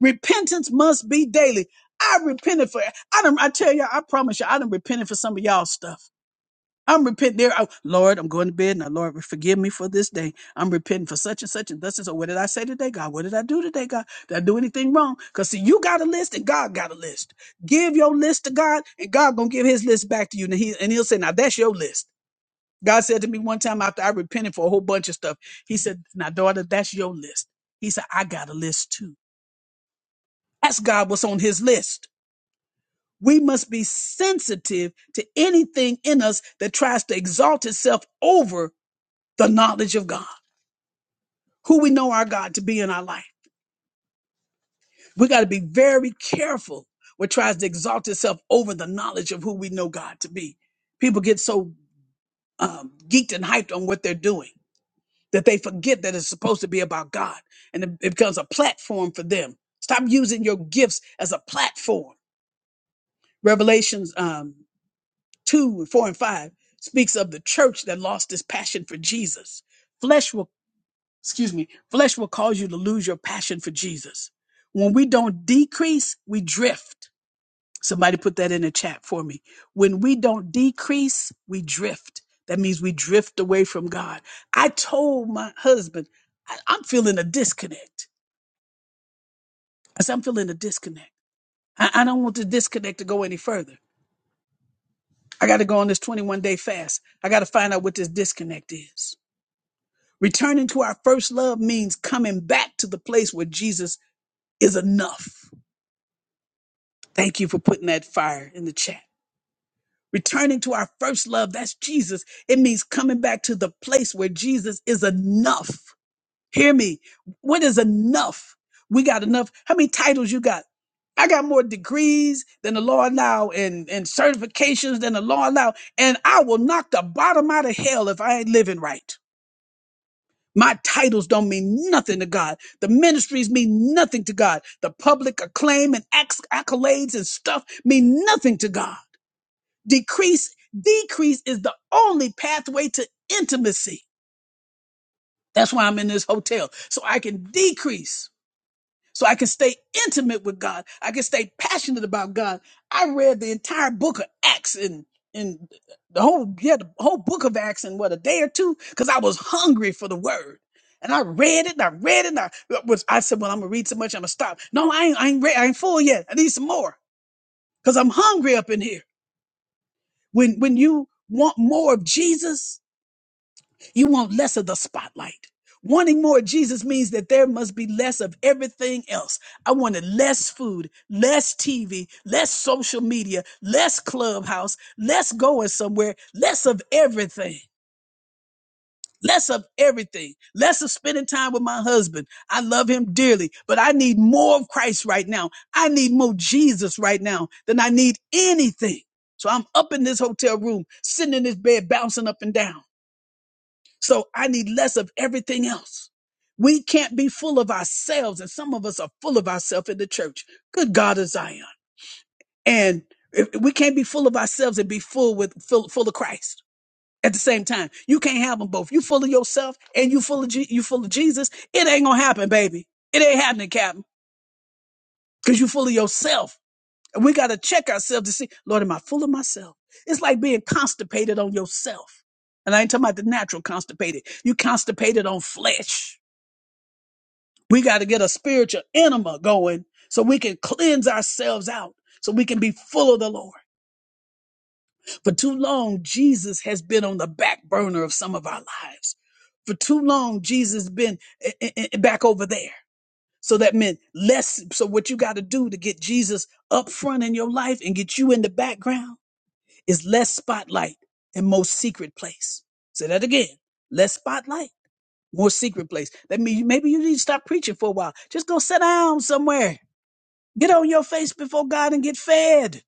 Repentance must be daily. I repented for I done, I tell you, I promise you, I done repented for some of y'all stuff. I'm repenting there. Oh, Lord, I'm going to bed now. Lord, forgive me for this day. I'm repenting for such and such and thus and so. What did I say today, God? What did I do today, God? Did I do anything wrong? Because see, you got a list and God got a list. Give your list to God, and God gonna give His list back to you. And He and He'll say, "Now that's your list." God said to me one time after I repented for a whole bunch of stuff, He said, "Now, daughter, that's your list." He said, "I got a list too." Ask God what's on His list. We must be sensitive to anything in us that tries to exalt itself over the knowledge of God, who we know our God to be in our life. We got to be very careful what tries to exalt itself over the knowledge of who we know God to be. People get so um, geeked and hyped on what they're doing that they forget that it's supposed to be about God and it, it becomes a platform for them. Stop using your gifts as a platform. Revelations um, 2 and 4 and 5 speaks of the church that lost its passion for Jesus. Flesh will. excuse me, flesh will cause you to lose your passion for Jesus. When we don't decrease, we drift. Somebody put that in the chat for me. When we don't decrease, we drift. That means we drift away from God. I told my husband, I, am feeling a disconnect. I said, I'm feeling a disconnect. I, I don't want the disconnect to go any further. I got to go on this 21 day fast. I got to find out what this disconnect is. Returning to our first love means coming back to the place where Jesus is enough Thank you for putting that fire in the chat. Returning to our first love, that's Jesus. It means coming back to the place where Jesus is enough. Hear me. What is enough? We got enough. How many titles you got? I got more degrees than the law allow and, and certifications than the law allow. And I will knock the bottom out of hell if I ain't living right. My titles don't mean nothing to God. The ministries mean nothing to God. The public acclaim and acc- accolades and stuff mean nothing to God decrease decrease is the only pathway to intimacy that's why i'm in this hotel so i can decrease so i can stay intimate with god i can stay passionate about god i read the entire book of acts and and the whole yeah the whole book of acts in what a day or two because i was hungry for the word and I read it, and I read it, and I was I said, Well, I'm gonna read so much, I'm gonna stop. No, I ain't I ain't read, I ain't full yet. I need some more. Cause I'm hungry up in here. When when you want more of Jesus, You want less of the spotlight. Wanting more of Jesus means that there must be less of everything else. I wanted less food, less TV, less social media, less clubhouse, less going somewhere, less of everything. Less of everything, less of spending time with my husband. I love him dearly, but I need more of Christ right now. I need more Jesus right now than I need anything. So I'm up in this hotel room, sitting in this bed, bouncing up and down so I need less of everything else. We can't be full of ourselves, and some of us are full of ourselves in the church. Good God of Zion. And if- we can't be full of ourselves and be full with full, full of Christ at the same time. You can't have them both. You full of yourself and you full of Je- you full of Jesus. It ain't gonna happen, baby. It ain't happening, Captain, because you full of yourself. And we gotta check ourselves to see, Lord, am I full of myself? It's like being constipated on yourself. And I ain't talking about the natural constipated. You constipated on flesh. We got to get a spiritual enema going so we can cleanse ourselves out, so we can be full of the Lord. For too long, Jesus has been on the back burner of some of our lives. For too long, Jesus has been i- i- i- back over there. So that meant less. So what you got to do to get Jesus up front in your life and get you in the background is less spotlight and more secret place. Say that again. Less spotlight, more secret place. That means maybe you need to stop preaching for a while. Just go sit down somewhere Get on your face before God and get fed.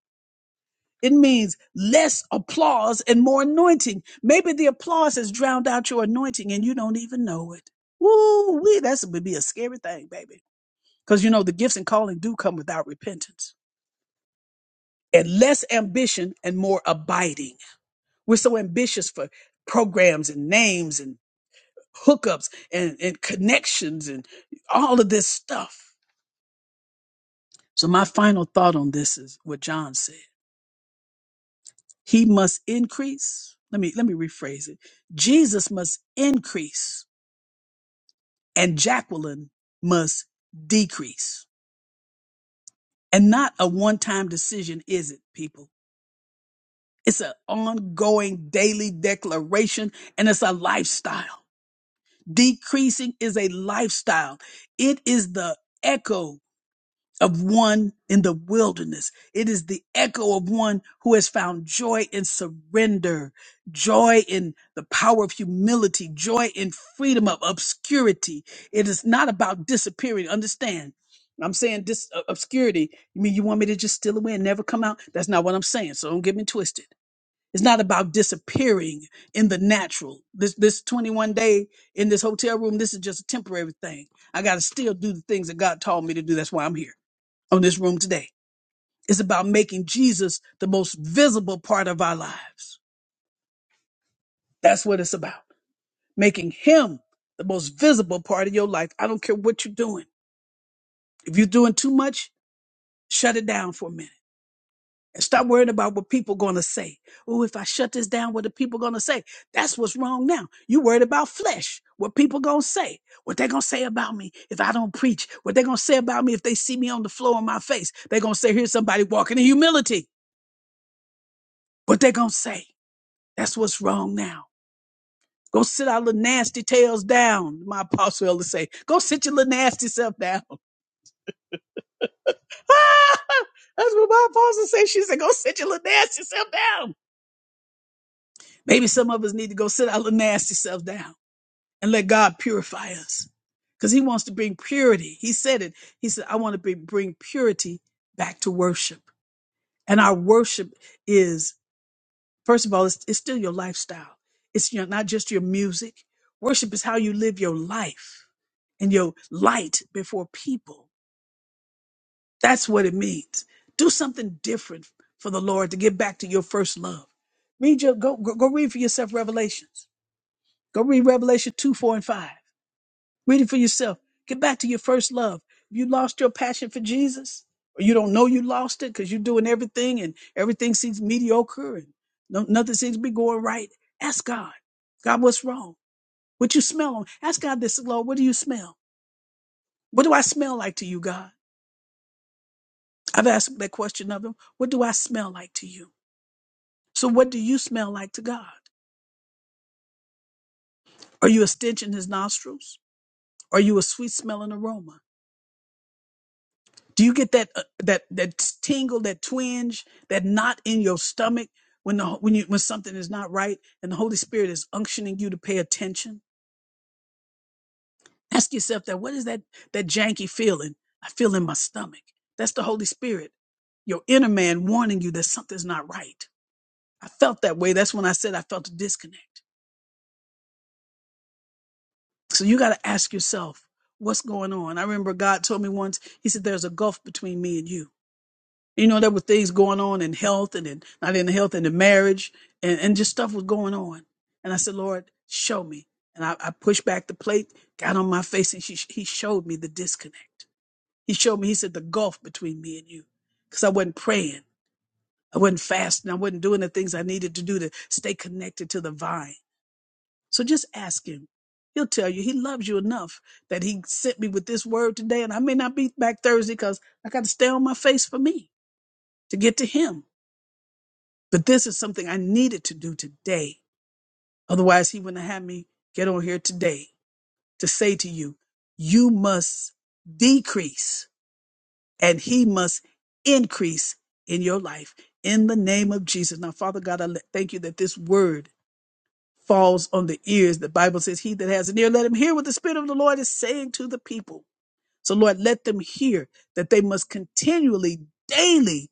It means less applause and more anointing. Maybe the applause has drowned out your anointing and you don't even know it. Woo wee, that's would be a scary thing, baby. Because you know the gifts and calling do come without repentance. And less ambition and more abiding. We're so ambitious for programs and names and hookups and, and connections and all of this stuff. So my final thought on this is what John said. He must increase. Let me let me rephrase it. Jesus must increase and Jacqueline must decrease. And not a one-time decision, is it, people? It's an ongoing daily declaration and it's a lifestyle. Decreasing is a lifestyle. It is the echo of one in the wilderness. It is the echo of one who has found joy in surrender, joy in the power of humility, joy in freedom of obscurity. It is not about disappearing. Understand? I'm saying this uh, obscurity. You mean you want me to just steal away and never come out? That's not what I'm saying. So don't get me twisted. It's not about disappearing in the natural. This this 21 day in this hotel room, this is just a temporary thing. I got to still do the things that God told me to do. That's why I'm here on this room today. It's about making Jesus the most visible part of our lives. That's what it's about. Making him the most visible part of your life. I don't care what you're doing. If you're doing too much, shut it down for a minute and stop worrying about what people going to say. Oh, if I shut this down, what are people going to say? That's what's wrong now. You worried about flesh, what people going to say, what they going to say about me if I don't preach, what they going to say about me if they see me on the floor in my face. they going to say, here's somebody walking in humility. What they going to say? That's what's wrong now. Go sit our little nasty tails down, my apostle elder say. Go sit your little nasty self down. That's what my apostle say. She said, go sit your little nasty self down. Maybe some of us need to go sit our little nasty self down and let God purify us. Because he wants to bring purity. He said it. He said, I want to bring bring purity back to worship. And our worship is First of all, it's, it's still your lifestyle. It's your, not just your music. Worship is how you live your life and your light before people. That's what it means. Do something different for the Lord to get back to your first love. Read your go go, go read for yourself Revelations. Go read Revelation two, four, and five. Read it for yourself. Get back to your first love. If you lost your passion for Jesus, or you don't know you lost it because you're doing everything and everything seems mediocre and no, nothing seems to be going right, ask God. God, what's wrong? What you smell on? Ask God this, Lord, what do you smell? What do I smell like to you, God? I've asked that question of him. What do I smell like to you? So what do you smell like to God? Are you a stench in his nostrils? Are you a sweet smelling aroma? Do you get that uh, that that tingle, that twinge, that knot in your stomach when the when you when something is not right and the Holy Spirit is unctioning you to pay attention? Ask yourself that. What is that that janky feeling I feel in my stomach? That's the Holy Spirit, your inner man warning you that something's not right. I felt that way. That's when I said I felt a disconnect. So you got to ask yourself what's going on. I remember God told me once. He said, "There's a gulf between me and you." You know, there were things going on in health and in, not in health and in marriage and, and just stuff was going on. And I said, Lord, show me. And I, I pushed back the plate, got on my face, and she, he showed me the disconnect. He showed me, he said, the gulf between me and you. Because I wasn't praying, I wasn't fasting, I wasn't doing the things I needed to do to stay connected to the vine. So just ask him. He'll tell you he loves you enough that he sent me with this word today. And I may not be back Thursday because I got to stay on my face for me to get to him But this is something I needed to do today. Otherwise, he wouldn't have had me get on here today to say to you, you must decrease and he must increase in your life in the name of Jesus. Now, Father God, I le- thank you that this word falls on the ears. The Bible says, He that has an ear, let him hear what the Spirit of the Lord is saying to the people. So, Lord, let them hear that they must continually, daily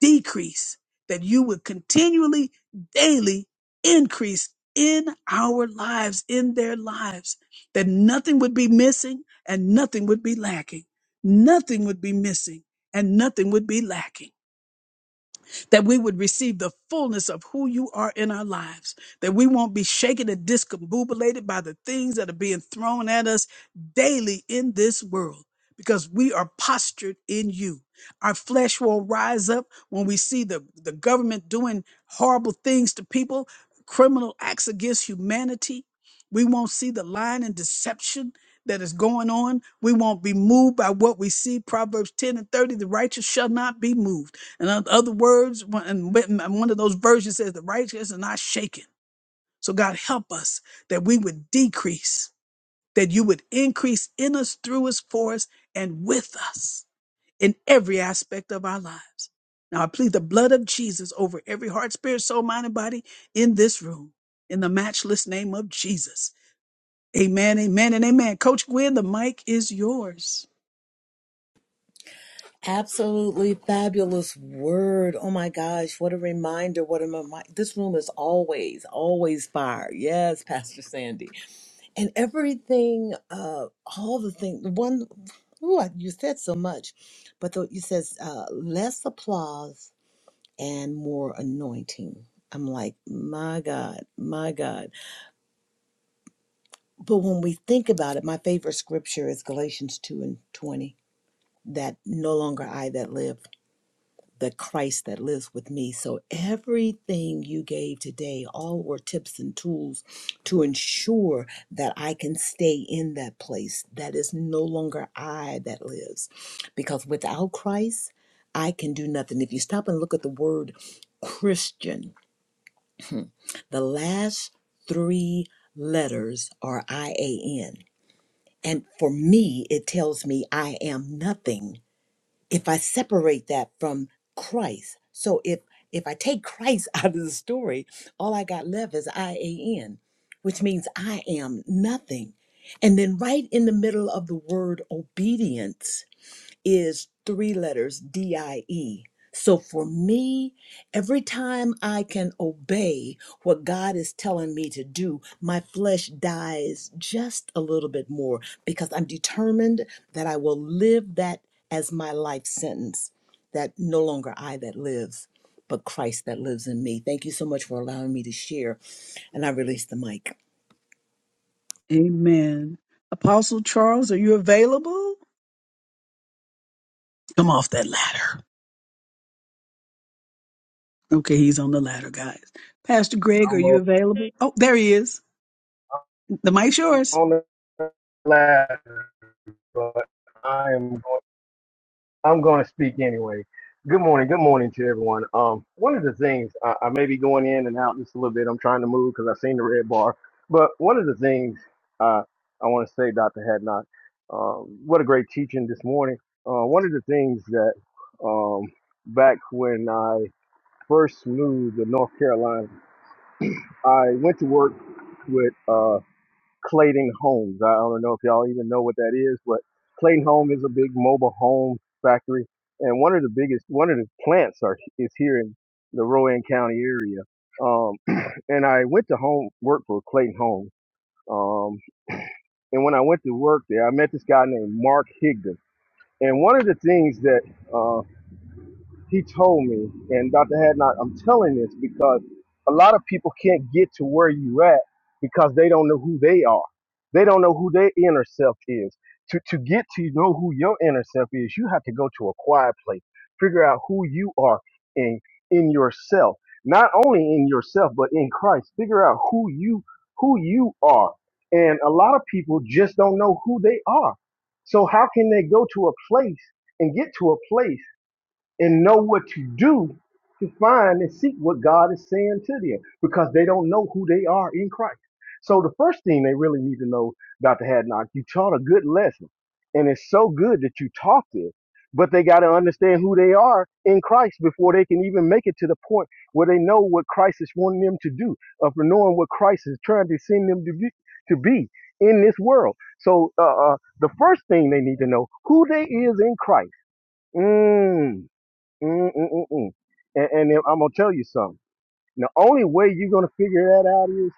decrease, that you would continually, daily increase in our lives, in their lives, that nothing would be missing and nothing would be lacking. Nothing would be missing and nothing would be lacking that we would receive the fullness of who you are in our lives, that we won't be shaken and discombobulated by the things that are being thrown at us daily in this world, because we are postured in you. Our flesh will rise up when we see the, the government doing horrible things to people, criminal acts against humanity. We won't see the lying and deception that is going on. We won't be moved by what we see. Proverbs 10 and 30 the righteous shall not be moved. And in oth- other words, one and when- and one of those versions says, the righteous are not shaken. So God help us that we would decrease, that you would increase in us, through us, for us, and with us in every aspect of our lives. Now I plead the blood of Jesus over every heart, spirit, soul, mind, and body in this room, in the matchless name of Jesus. Amen, amen, and amen. Coach Gwen, the mic is yours.
Absolutely fabulous word. Oh my gosh, what a reminder. What a reminder. This room is always, always fire. Yes, Pastor Sandy. And everything, uh, all the things, one, ooh, I- you said so much, but the, you says uh, less applause and more anointing. I'm like, my God, my God. But when we think about it, my favorite scripture is Galatians 2 and 20, that no longer I that live the Christ that lives with me. So everything you gave today, all were tips and tools to ensure that I can stay in that place that is no longer I that lives. Because without Christ, I can do nothing. If you stop and look at the word Christian, the last three letters are I A N. And for me, it tells me I am nothing if I separate that from Christ. So if if I take Christ out of the story, all I got left is I A N, which means I am nothing. And then right in the middle of the word obedience is three letters D I E. So for me, every time I can obey what God is telling me to do, my flesh dies just a little bit more because I'm determined that I will live that as my life sentence, that no longer I that lives, but Christ that lives in me. Thank you so much for allowing me to share. And I release the mic.
Amen. Apostle Charles, are you available? Come off that ladder. Okay, he's on the ladder, guys. Pastor Greg, are
I'm
you
on,
available? Oh, there he is. The mic's
I'm
yours.
on the ladder, but I am going, I'm going to speak anyway. Good morning. Good morning to everyone. Um, one of the things I, I may be going in and out just a little bit. I'm trying to move because I've seen the red bar. But one of the things uh, I want to say, Dr. Hadnock, um, what a great teaching this morning. Uh, one of the things that um, back when I first moved to North Carolina, I went to work with. uh, Clayton Homes. I don't know if y'all even know what that is, but Clayton Home is a big mobile home factory, and one of the biggest, one of the plants are is here in the Rowan County area. Um, and I went to home work for Clayton Home. Um, and when I went to work there, I met this guy named Mark Higdon. And one of the things that uh, he told me, and Dr. Hadnot, I'm telling this because a lot of people can't get to where you at because they don't know who they are. They don't know who their inner self is. To to get to know who your inner self is, you have to go to a quiet place, figure out who you are in in yourself. Not only in yourself, but in Christ. Figure out who you who you are. And a lot of people just don't know who they are. So how can they go to a place and get to a place? and know what you do to find and seek what God is saying to them because they don't know who they are in Christ. So the first thing they really need to know, Dr. Hadnock, you taught a good lesson. And it's so good that you taught this, but they got to understand who they are in Christ before they can even make it to the point where they know what Christ is wanting them to do, of knowing what Christ is trying to send them to be, to be in this world. So uh, uh, the first thing they need to know who they is in Christ. Mm Mm, mm, mm, mm. And, and then I'm gonna tell you something. The only way you're gonna figure that out is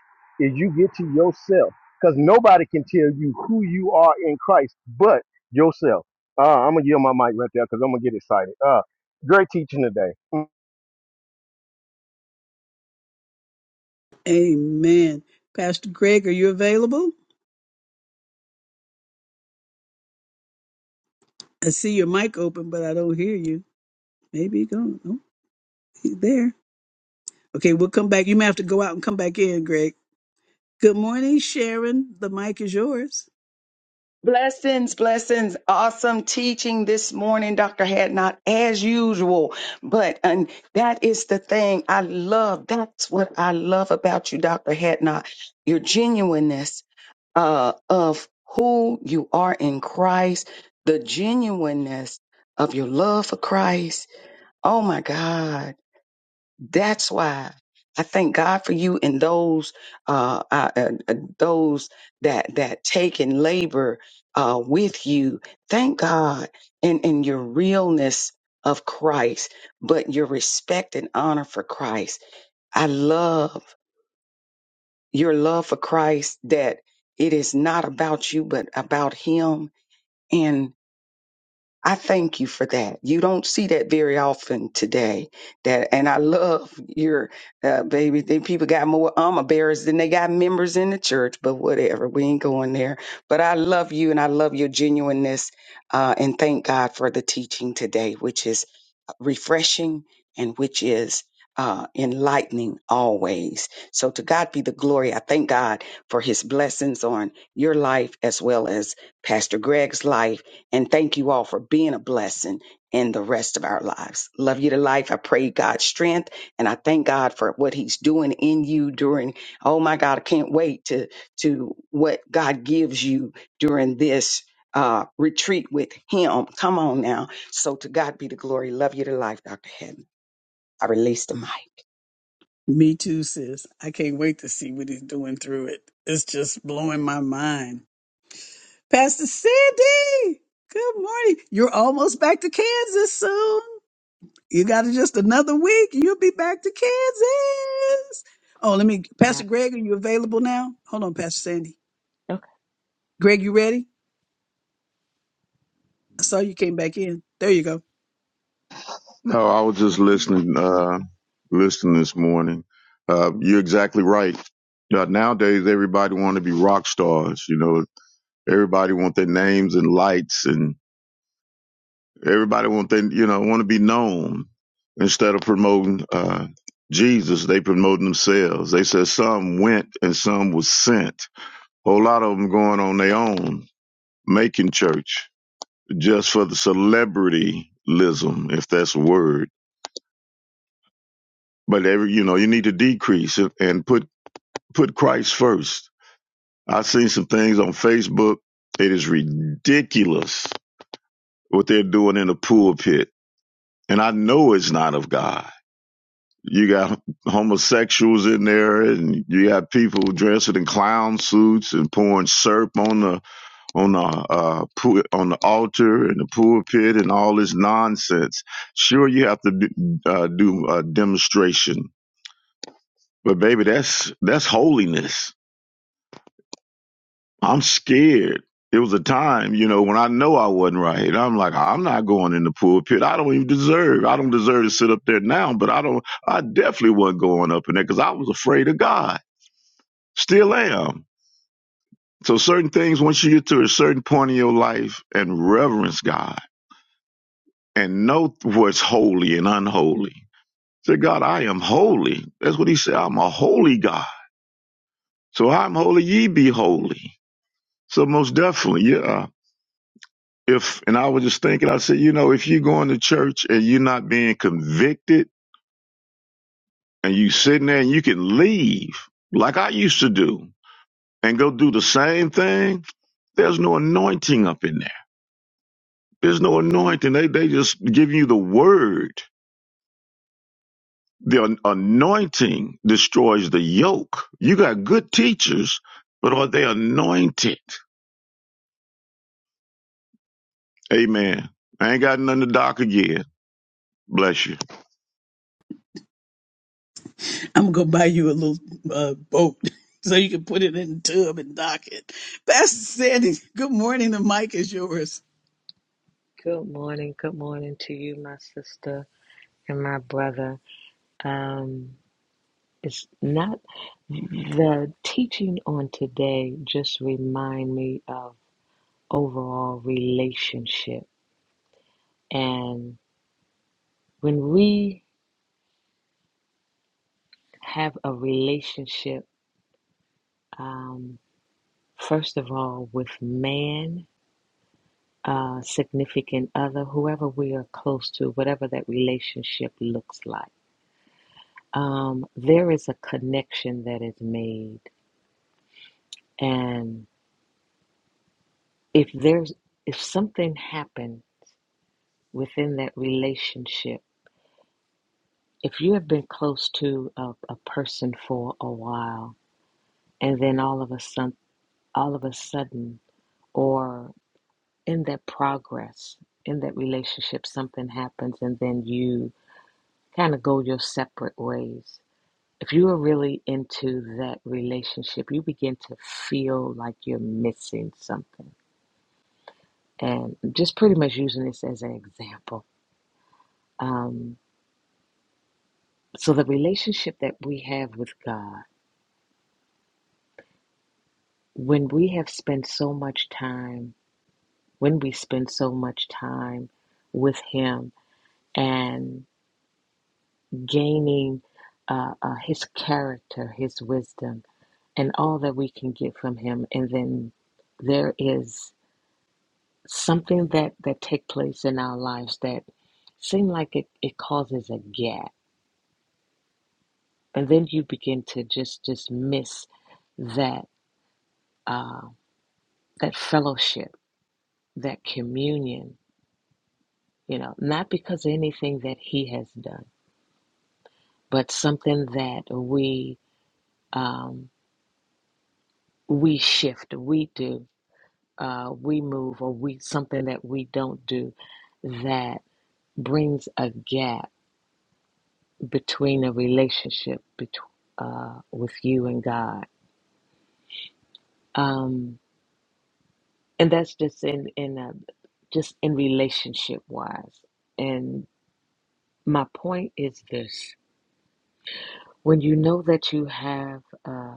is you get to yourself, because nobody can tell you who you are in Christ but yourself. Uh, I'm gonna yield my mic right there because I'm gonna get excited. Uh, great teaching today. Mm,
Amen. Pastor Greg, are you available? I see your mic open, but I don't hear you. Maybe you gone. Oh, he's there. Okay, we'll come back. You may have to go out and come back in, Greg. Good morning, Sharon. The mic is yours.
Blessings, blessings. Awesome teaching this morning, Dr. Hadnot, as usual. But and that is the thing I love. That's what I love about you, Dr. Hadnot. Your genuineness uh, of who you are in Christ, the genuineness of your love for Christ. Oh my God. That's why I thank God for you and those uh, uh, uh, uh, those that that take and labor uh, with you. Thank God and and your realness of Christ, but your respect and honor for Christ. I love your love for Christ. That it is not about you, but about Him. And I thank you for that. You don't see that very often today. That and I love your uh, baby. Think people got more armor bearers than they got members in the church, but whatever. We ain't going there. But I love you and I love your genuineness. Uh, and thank God for the teaching today, which is refreshing and which is uh, enlightening always. So to God be the glory. I thank God for his blessings on your life as well as Pastor Greg's life. And thank you all for being a blessing in the rest of our lives. Love you to life. I pray God's strength and I thank God for what he's doing in you during, oh my God, I can't wait to, to what God gives you during this uh, retreat with him. Come on now so to God be the glory. Love you to life, Dr. Hatton. I release the mic.
Me too, sis. I can't wait to see what he's doing through it. It's just blowing my mind. Pastor Cindy, good morning. You're almost back to Kansas soon. You got just another week. You'll be back to Kansas. Oh, let me, Pastor
App.
Greg, are you available now? Hold on, Pastor Sandy.
Okay,
Greg, you ready? I saw you came back in. There you go.
No, I was just
okay.
listening, uh, listening this morning. Uh, you're exactly right. Uh, nowadays, everybody want to be rock stars. You know, everybody want their names and lights, and everybody want their, you know, want to be known. Instead of promoting uh, Jesus, they promoting themselves. They said some went and some was sent. A whole lot of them going on their own, making church. just for the celebrityism, if that's a word. But every you know, you need to decrease it and put put Christ first. I've seen some things on Facebook. It is ridiculous what they're doing in the pulpit, and I know it's not of God. You got homosexuals in there, and you got people dressed in clown suits and pouring syrup on the on the uh, pu- on the altar and the pulpit and all this nonsense. Sure, you have to do, uh, do a demonstration, but baby, that's that's holiness. I'm scared. It was a time, you know, when I know I wasn't right. I'm like, I'm not going in the pulpit. I don't even deserve. I don't deserve to sit up there now. But I don't. I definitely wasn't going up in there because I was afraid of God. Still am. So certain things, once you get to a certain point in your life and reverence God and know what's holy and unholy. Say, God, I am holy. That's what he said. I'm a holy God. So I'm holy, ye be holy. So most definitely, yeah. If and I was just thinking, I said, you know, if you're going to church and you're not being convicted and you sitting there and you can leave, like I used to do, and go do the same thing, there's no anointing up in there. There's no anointing. They they just give you the word The anointing destroys the yoke. You got good teachers, but are they anointed? Amen. I ain't got nothing to dock again. Bless you.
I'm going to buy you a little uh, boat so you can put it in the tub and dock it. Pastor Sandy, good morning. The mic is yours.
Good morning. Good morning to you, my sister and my brother. Um, it's not the teaching on today. Just remind me of overall relationship, and when we have a relationship, um, first of all, with man. Uh, significant other, whoever we are close to, whatever that relationship looks like um, there is a connection that is made. And if there's if something happened within that relationship, if you have been close to a, a person for a while, and then all of a sudden, all of a sudden, or in that progress in that relationship, something happens, and then you kind of go your separate ways. If you are really into that relationship, you begin to feel like you're missing something and just pretty much using this as an example. Um, so, the relationship that we have with God, when we have spent so much time, when we spend so much time with Him and gaining uh, uh, His character, His wisdom, and all that we can get from Him, and then there is something that that take place in our lives that seem like it, it causes a gap and then you begin to just just miss that uh, that fellowship, that communion. You know, not because of anything that he has done, but something that we um, we shift, we do, uh, we move, or we something that we don't do that brings a gap between a relationship between uh, with you and God. Um, and that's just in in uh, just in relationship wise and my point is this when you know that you have uh,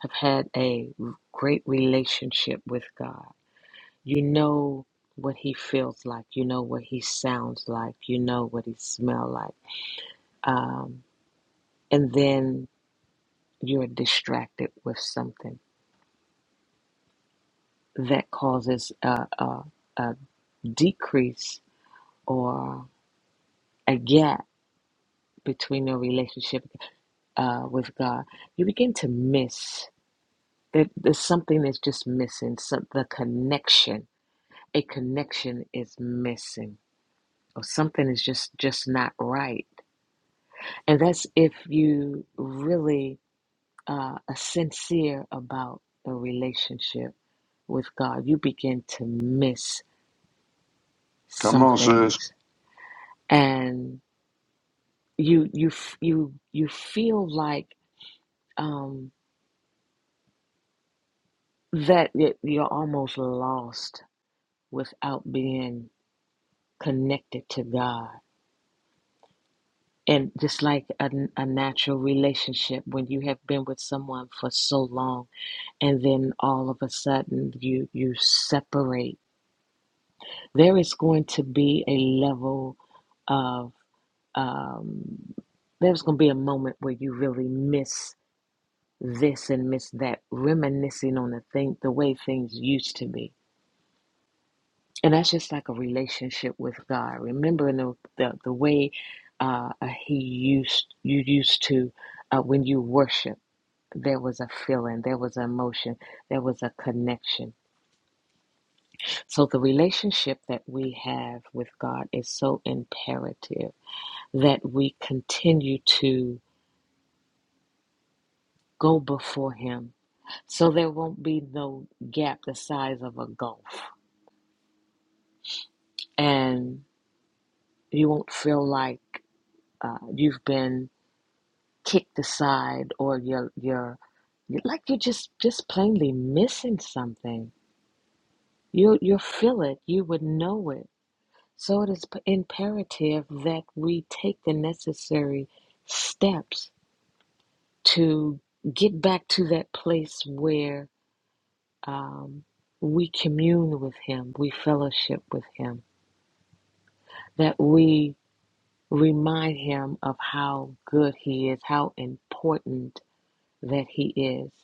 have had a great relationship with god you know what he feels like you know what he sounds like you know what he smell like um, and then you're distracted with something that causes a, a, a decrease or a gap between your relationship uh, with God, you begin to miss that there's something that's just missing. Some, the connection, a connection is missing, or something is just just not right. And that's if you really uh, are sincere about the relationship with God. You begin to miss
Come
some
on, sis.
things, and you you you you feel like um, that you're almost lost without being connected to God. And just like a, a natural relationship, when you have been with someone for so long and then all of a sudden you, you separate, there is going to be a level of, um, there's going to be a moment where you really miss this and miss that, reminiscing on the thing, the way things used to be and that's just like a relationship with God. Remembering the the, the way uh, uh, He used you used to uh, when you worship, there was a feeling, there was an emotion, there was a connection. So the relationship that we have with God is so imperative that we continue to go before Him, so there won't be no gap the size of a gulf, and you won't feel like uh, you've been kicked aside or you're you're you're- like you're just just plainly missing something you you'll feel it you would know it so it is p- imperative that we take the necessary steps to get back to that place where um, we commune with him we fellowship with him that we remind him of how good he is how important that he is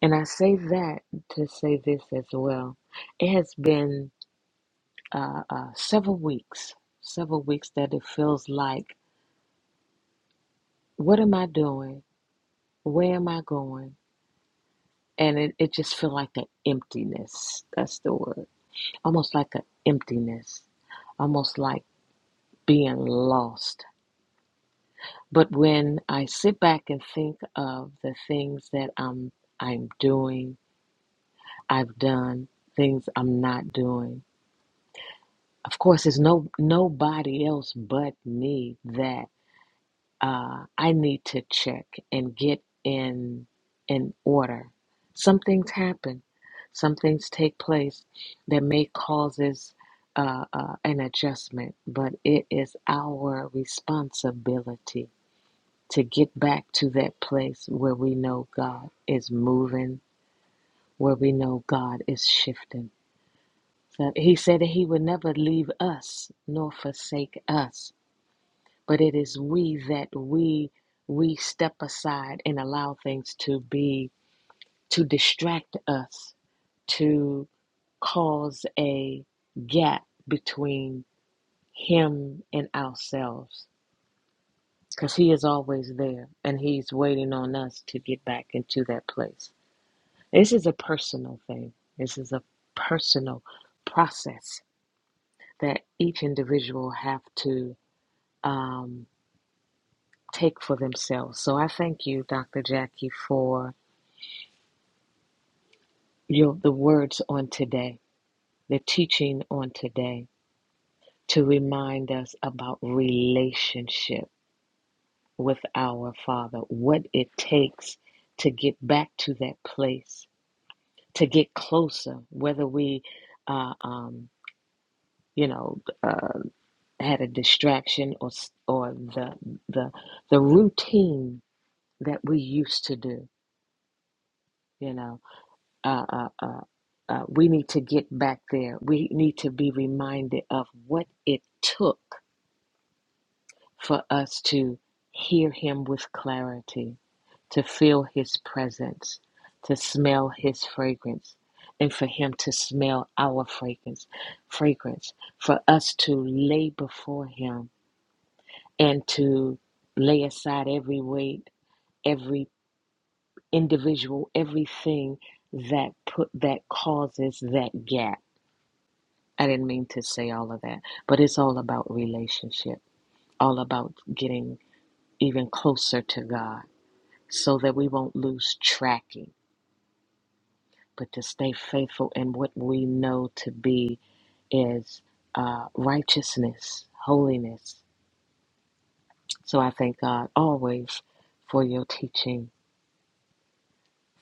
And I say that to say this as well. It has been uh, uh, several weeks, several weeks that it feels like, what am I doing? Where am I going? And it, it just feels like an emptiness. That's the word. Almost like an emptiness, almost like being lost. But when I sit back and think of the things that I'm I'm doing, I've done, things I'm not doing, of course there's no nobody else but me that uh, i need to check and get in in order some things happen some things take place that may causes uh, uh, an adjustment but it is our responsibility to get back to that place where we know god is moving where we know god is shifting so he said that he would never leave us nor forsake us but it is we that we we step aside and allow things to be to distract us to cause a gap between him and ourselves because he is always there and he's waiting on us to get back into that place this is a personal thing this is a personal process that each individual have to um. take for themselves. So I thank you, Dr. Jackie, for your, the words on today, the teaching on today, to remind us about relationship with our Father, what it takes to get back to that place, to get closer, whether we, uh, um, you know, uh, had a distraction or or the the the routine that we used to do, you know. uh, uh. uh, Uh, we need to get back there. We need to be reminded of what it took for us to hear Him with clarity, to feel His presence, to smell His fragrance, and for Him to smell our fragrance, fragrance, for us to lay before Him and to lay aside every weight, every individual, everything that put that causes that gap I didn't mean to say all of that, but it's all about relationship, all about getting even closer to God so that we won't lose tracking, but to stay faithful in what we know to be is uh, righteousness, holiness. So I thank God always for your teaching,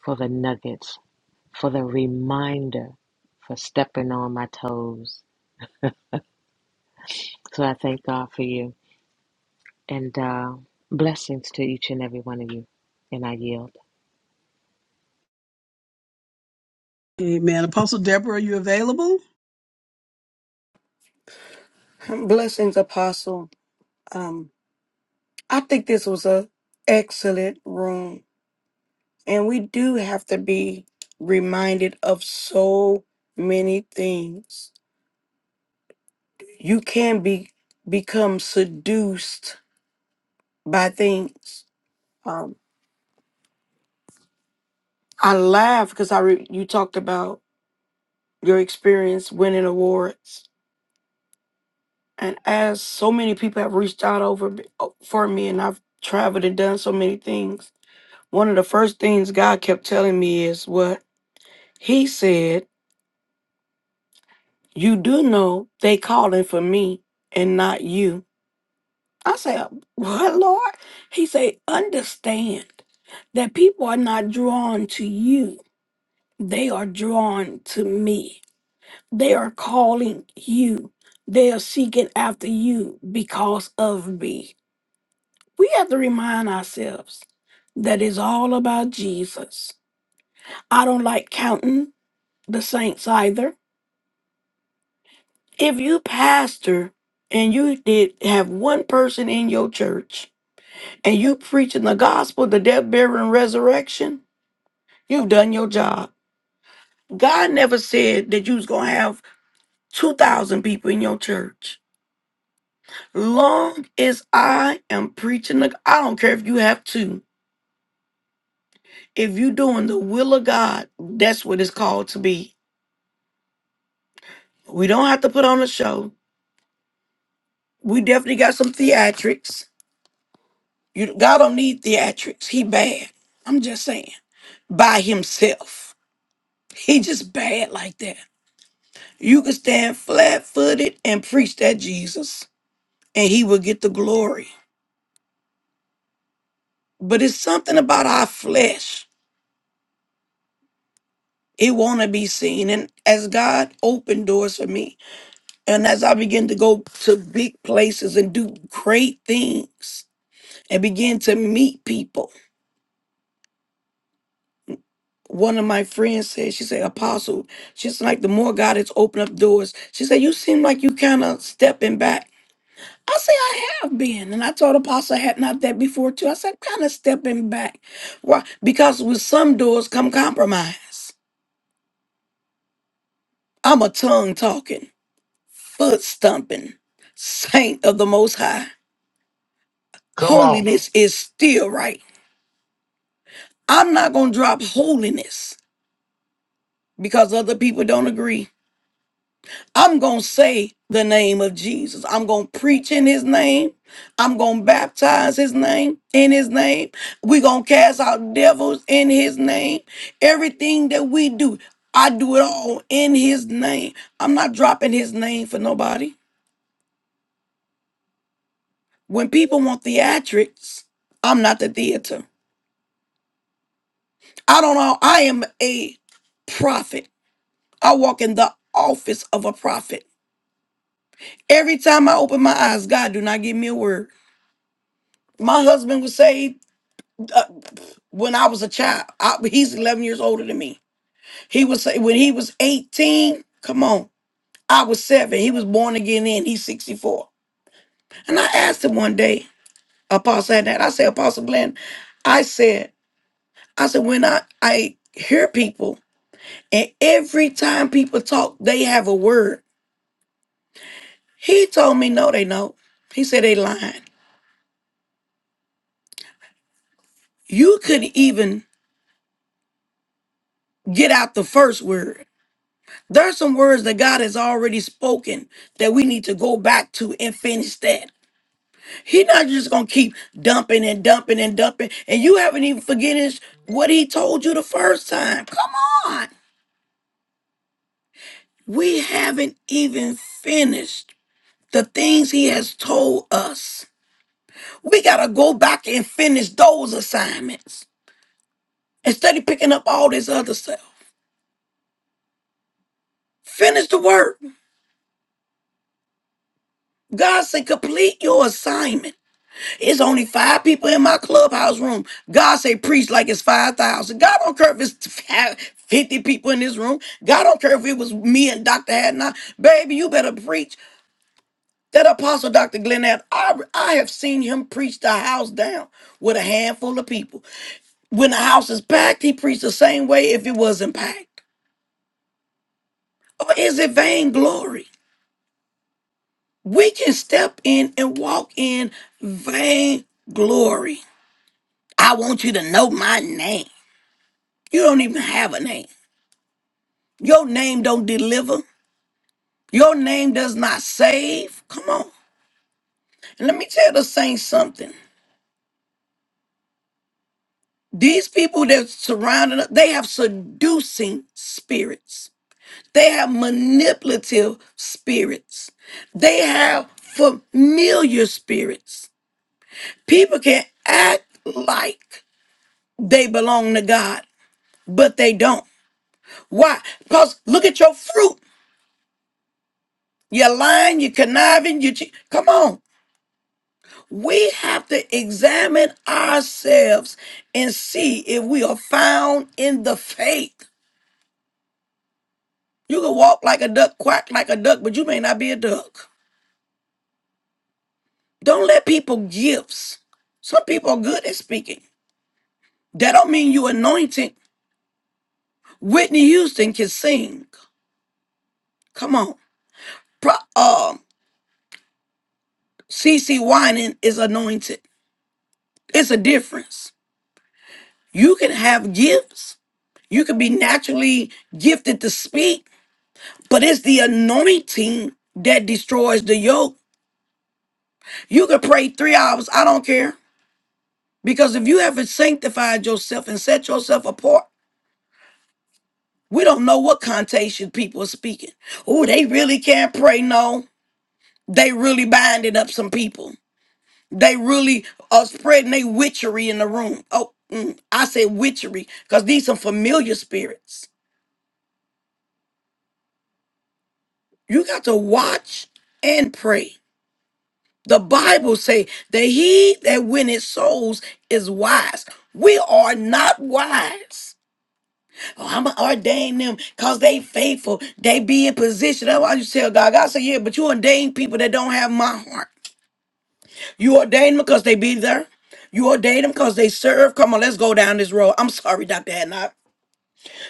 for the nuggets, for the reminder, for stepping on my toes. So I thank God for you. And uh, blessings to each and every one of you. And I yield.
Amen. Apostle Deborah, are you available?
Blessings, Apostle. Um, I think this was a excellent room, and we do have to be reminded of so many things. You can be become seduced by things. Um, I laugh because I re- you talked about your experience winning awards, and as so many people have reached out over me- for me, and I've traveled and done so many things. One of the first things God kept telling me is what He said, You do know they calling for me and not you. I said, What, Lord? He said, Understand that people are not drawn to you, they are drawn to me. They are calling you, they are seeking after you because of me. We have to remind ourselves that it's all about Jesus. I don't like counting the saints either. If you pastor and you did have one person in your church and you preaching the gospel, the death, burial, and resurrection, you've done your job. God never said that you was gonna have two thousand people in your church. Long as I am preaching the I don't care if you have two. If you doing the will of God, that's what it's called to be. We don't have to put on a show. We definitely got some theatrics. You God don't need theatrics. He bad. I'm just saying. by himself. He just bad like that. You could stand flat footed and preach that Jesus, and he will get the glory. But it's something about our flesh. It wanna be seen. And as God opened doors for me, and as I began to go to big places and do great things and begin to meet people. One of my friends said, she said, Apostle, she's like the more God has opened up doors. She said, You seem like you kind of stepping back. I say I have been, and I told Apostle had not that before too. I said kind of stepping back, why? Because with some doors come compromise. I'm a tongue talking, foot stumping saint of the Most High.
Come on.
Holiness is still right. I'm not gonna drop holiness because other people don't agree. I'm going to say the name of Jesus. I'm going to preach in his name. I'm going to baptize his name in his name. We're going to cast out devils in his name. Everything that we do, I do it all in his name. I'm not dropping his name for nobody. When people want theatrics, I'm not the theater. I don't know. I am a prophet. I walk in the office of a prophet. Every time I open my eyes, God do not give me a word. My husband was saved uh, when I was a child. I, he's 11 years older than me. He was when he was 18. Come on, I was seven. He was born again. Then he's 64. And I asked him one day, Apostle had that. I said, Apostle Glenn, I said, I said when I I hear people and every time people talk, they have a word. He told me no, they know. He said they lying. You could even get out the first word There are some words that God has already spoken that we need to go back to and finish that. He's not just gonna keep dumping and dumping and dumping, and you haven't even forgotten what he told you the first time. Come on. We haven't even finished the things he has told us. We gotta go back and finish those assignments instead of picking up all this other stuff. Finish the work. God said, complete your assignment. It's only five people in my clubhouse room. God say preach like it's 5,000. God don't care if it's five- 50 people in this room. God don't care if it was me and Dr. Hadnot. Baby, you better preach. That apostle Dr. Glenn Hadd, I, I have seen him preach the house down with a handful of people. When the house is packed, he preached the same way if it wasn't packed. Or is it vainglory? We can step in and walk in vainglory. I want you to know my name. You don't even have a name. Your name don't deliver. Your name does not save. Come on. And let me tell the saints something. These people that surrounding us, they have seducing spirits. They have manipulative spirits. They have familiar spirits. People can act like they belong to God, but they don't. Why? Because look at your fruit. You're lying, you're conniving, you che- come on. We have to examine ourselves and see if we are found in the faith. You can walk like a duck, quack like a duck, but you may not be a duck. Don't let people gifts. Some people are good at speaking. That don't mean you anointed. Whitney Houston can sing. Come on. Pro, uh, CC Whining is anointed. It's a difference. You can have gifts. You can be naturally gifted to speak, But it's the anointing that destroys the yoke. You could pray three hours, I don't care. Because if you haven't sanctified yourself and set yourself apart, we don't know what connotation people are speaking. Oh, they really can't pray. No, they really binding up some people. They really are spreading their witchery in the room. Oh, mm, I say witchery because these are familiar spirits. You got to watch and pray. The Bible say that he that winneth souls is wise. We are not wise. Oh, I'm gonna ordain them because they faithful. They be in position. That's why you tell God. God say, yeah, but you ordain people that don't have my heart. You ordain them because they be there. You ordain them because they serve. Come on, let's go down this road. I'm sorry, Dr. Hadnot.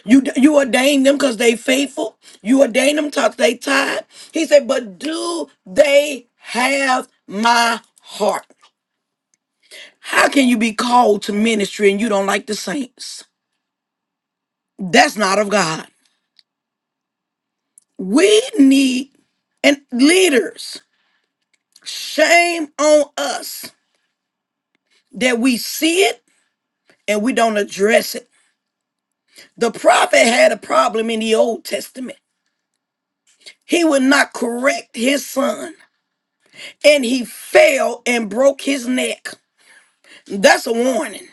You you ordain them because they faithful. You ordain them because they tied. He said, but do they have my heart? How can you be called to ministry and you don't like the saints? That's not of God. We need and leaders. Shame on us that we see it and we don't address it. The prophet had a problem in the Old Testament. He would not correct his son and he fell and broke his neck. That's a warning.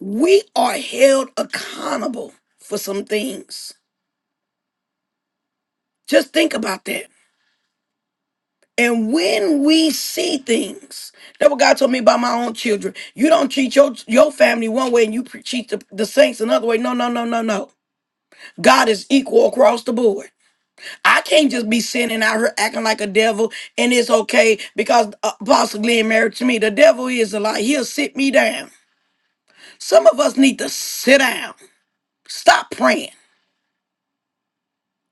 We are held accountable for some things. Just think about that. And when we see things, that's what God told me about my own children. You don't treat your your family one way and you pre- treat the, the saints another way. No, no, no, no, no. God is equal across the board. I can't just be sinning out here acting like a devil and it's okay because uh, Apostle Glenn married to me. The devil is a lie. He'll sit me down. Some of us need to sit down. Stop praying.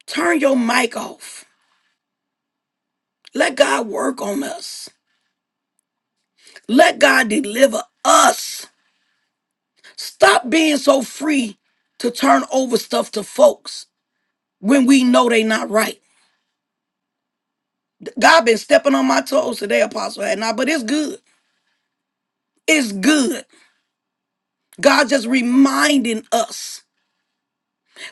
Turn your mic off. Let God work on us. Let God deliver us Stop being so free to turn over stuff to folks when we know they not right. God been stepping on my toes today, Apostle had not, but it's good. It's good. God just reminding us.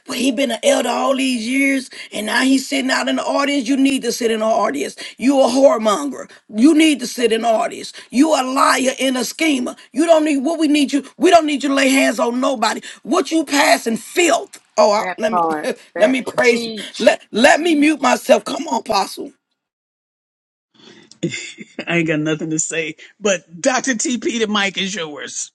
But he been an elder all these years, and now he's sitting out in the audience. You need to sit in the audience. You a whoremonger. You need to sit in the audience. You a liar and a schemer. You don't need what we need you. We don't need you to lay hands on nobody. What you passing filth? Oh, I,
That
let me
part,
let
that
me
part,
praise.
teach.
Let let me mute myself. Come on, apostle.
I ain't got nothing to say. But Dr. TP, the mic is yours.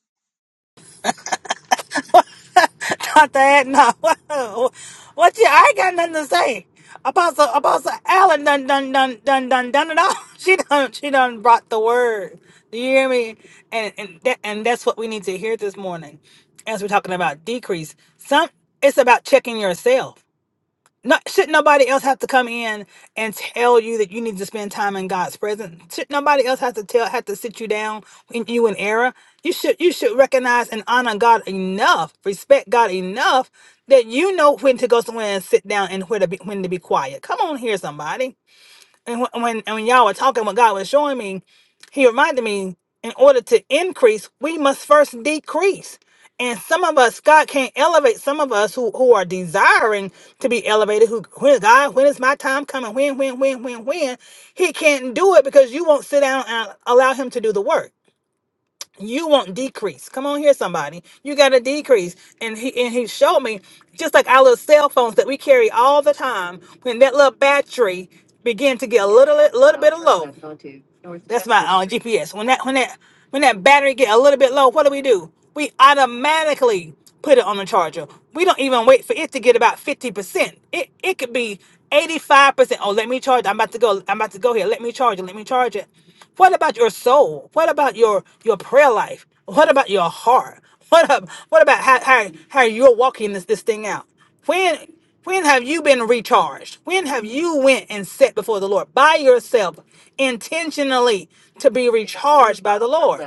Not that, no. what you, I ain't got nothing to say. Apostle, Apostle Allen done, done, done, done, done, done it all. She done, she done brought the word. Do you hear me? And, and that, and that's what we need to hear this morning as we're talking about decrease. Some, it's about checking yourself not should nobody else have to come in and tell you that you need to spend time in God's presence? Should nobody else have to tell have to sit you down when you in error? You should you should recognize and honor God enough, respect God enough that you know when to go somewhere and sit down and where to be when to be quiet. Come on here, somebody. And when, when and when y'all were talking, what God was showing me, He reminded me, in order to increase, we must first decrease. And some of us, God can't elevate some of us who, who are desiring to be elevated, who when God, when is my time coming? When, when, when, when, when? He can't do it because you won't sit down and allow him to do the work you want decrease. Come on here, somebody. You got to decrease. And he and he showed me just like our little cell phones that we carry all the time. When that little battery begin to get a little little bit of low. That's my uh, GPS. When that when that when that battery get a little bit low, what do we do? We automatically put it on the charger. We don't even wait for it to get about fifty percent. It it could be eighty five percent. Oh, let me charge. I'm about to go. I'm about to go here. Let me charge it. Let me charge it. What about your soul? What about your your prayer life? What about your heart? What up? What about how how how you're walking this this thing out? When when have you been recharged? When have you went and sat before the Lord by yourself intentionally to be recharged by the Lord?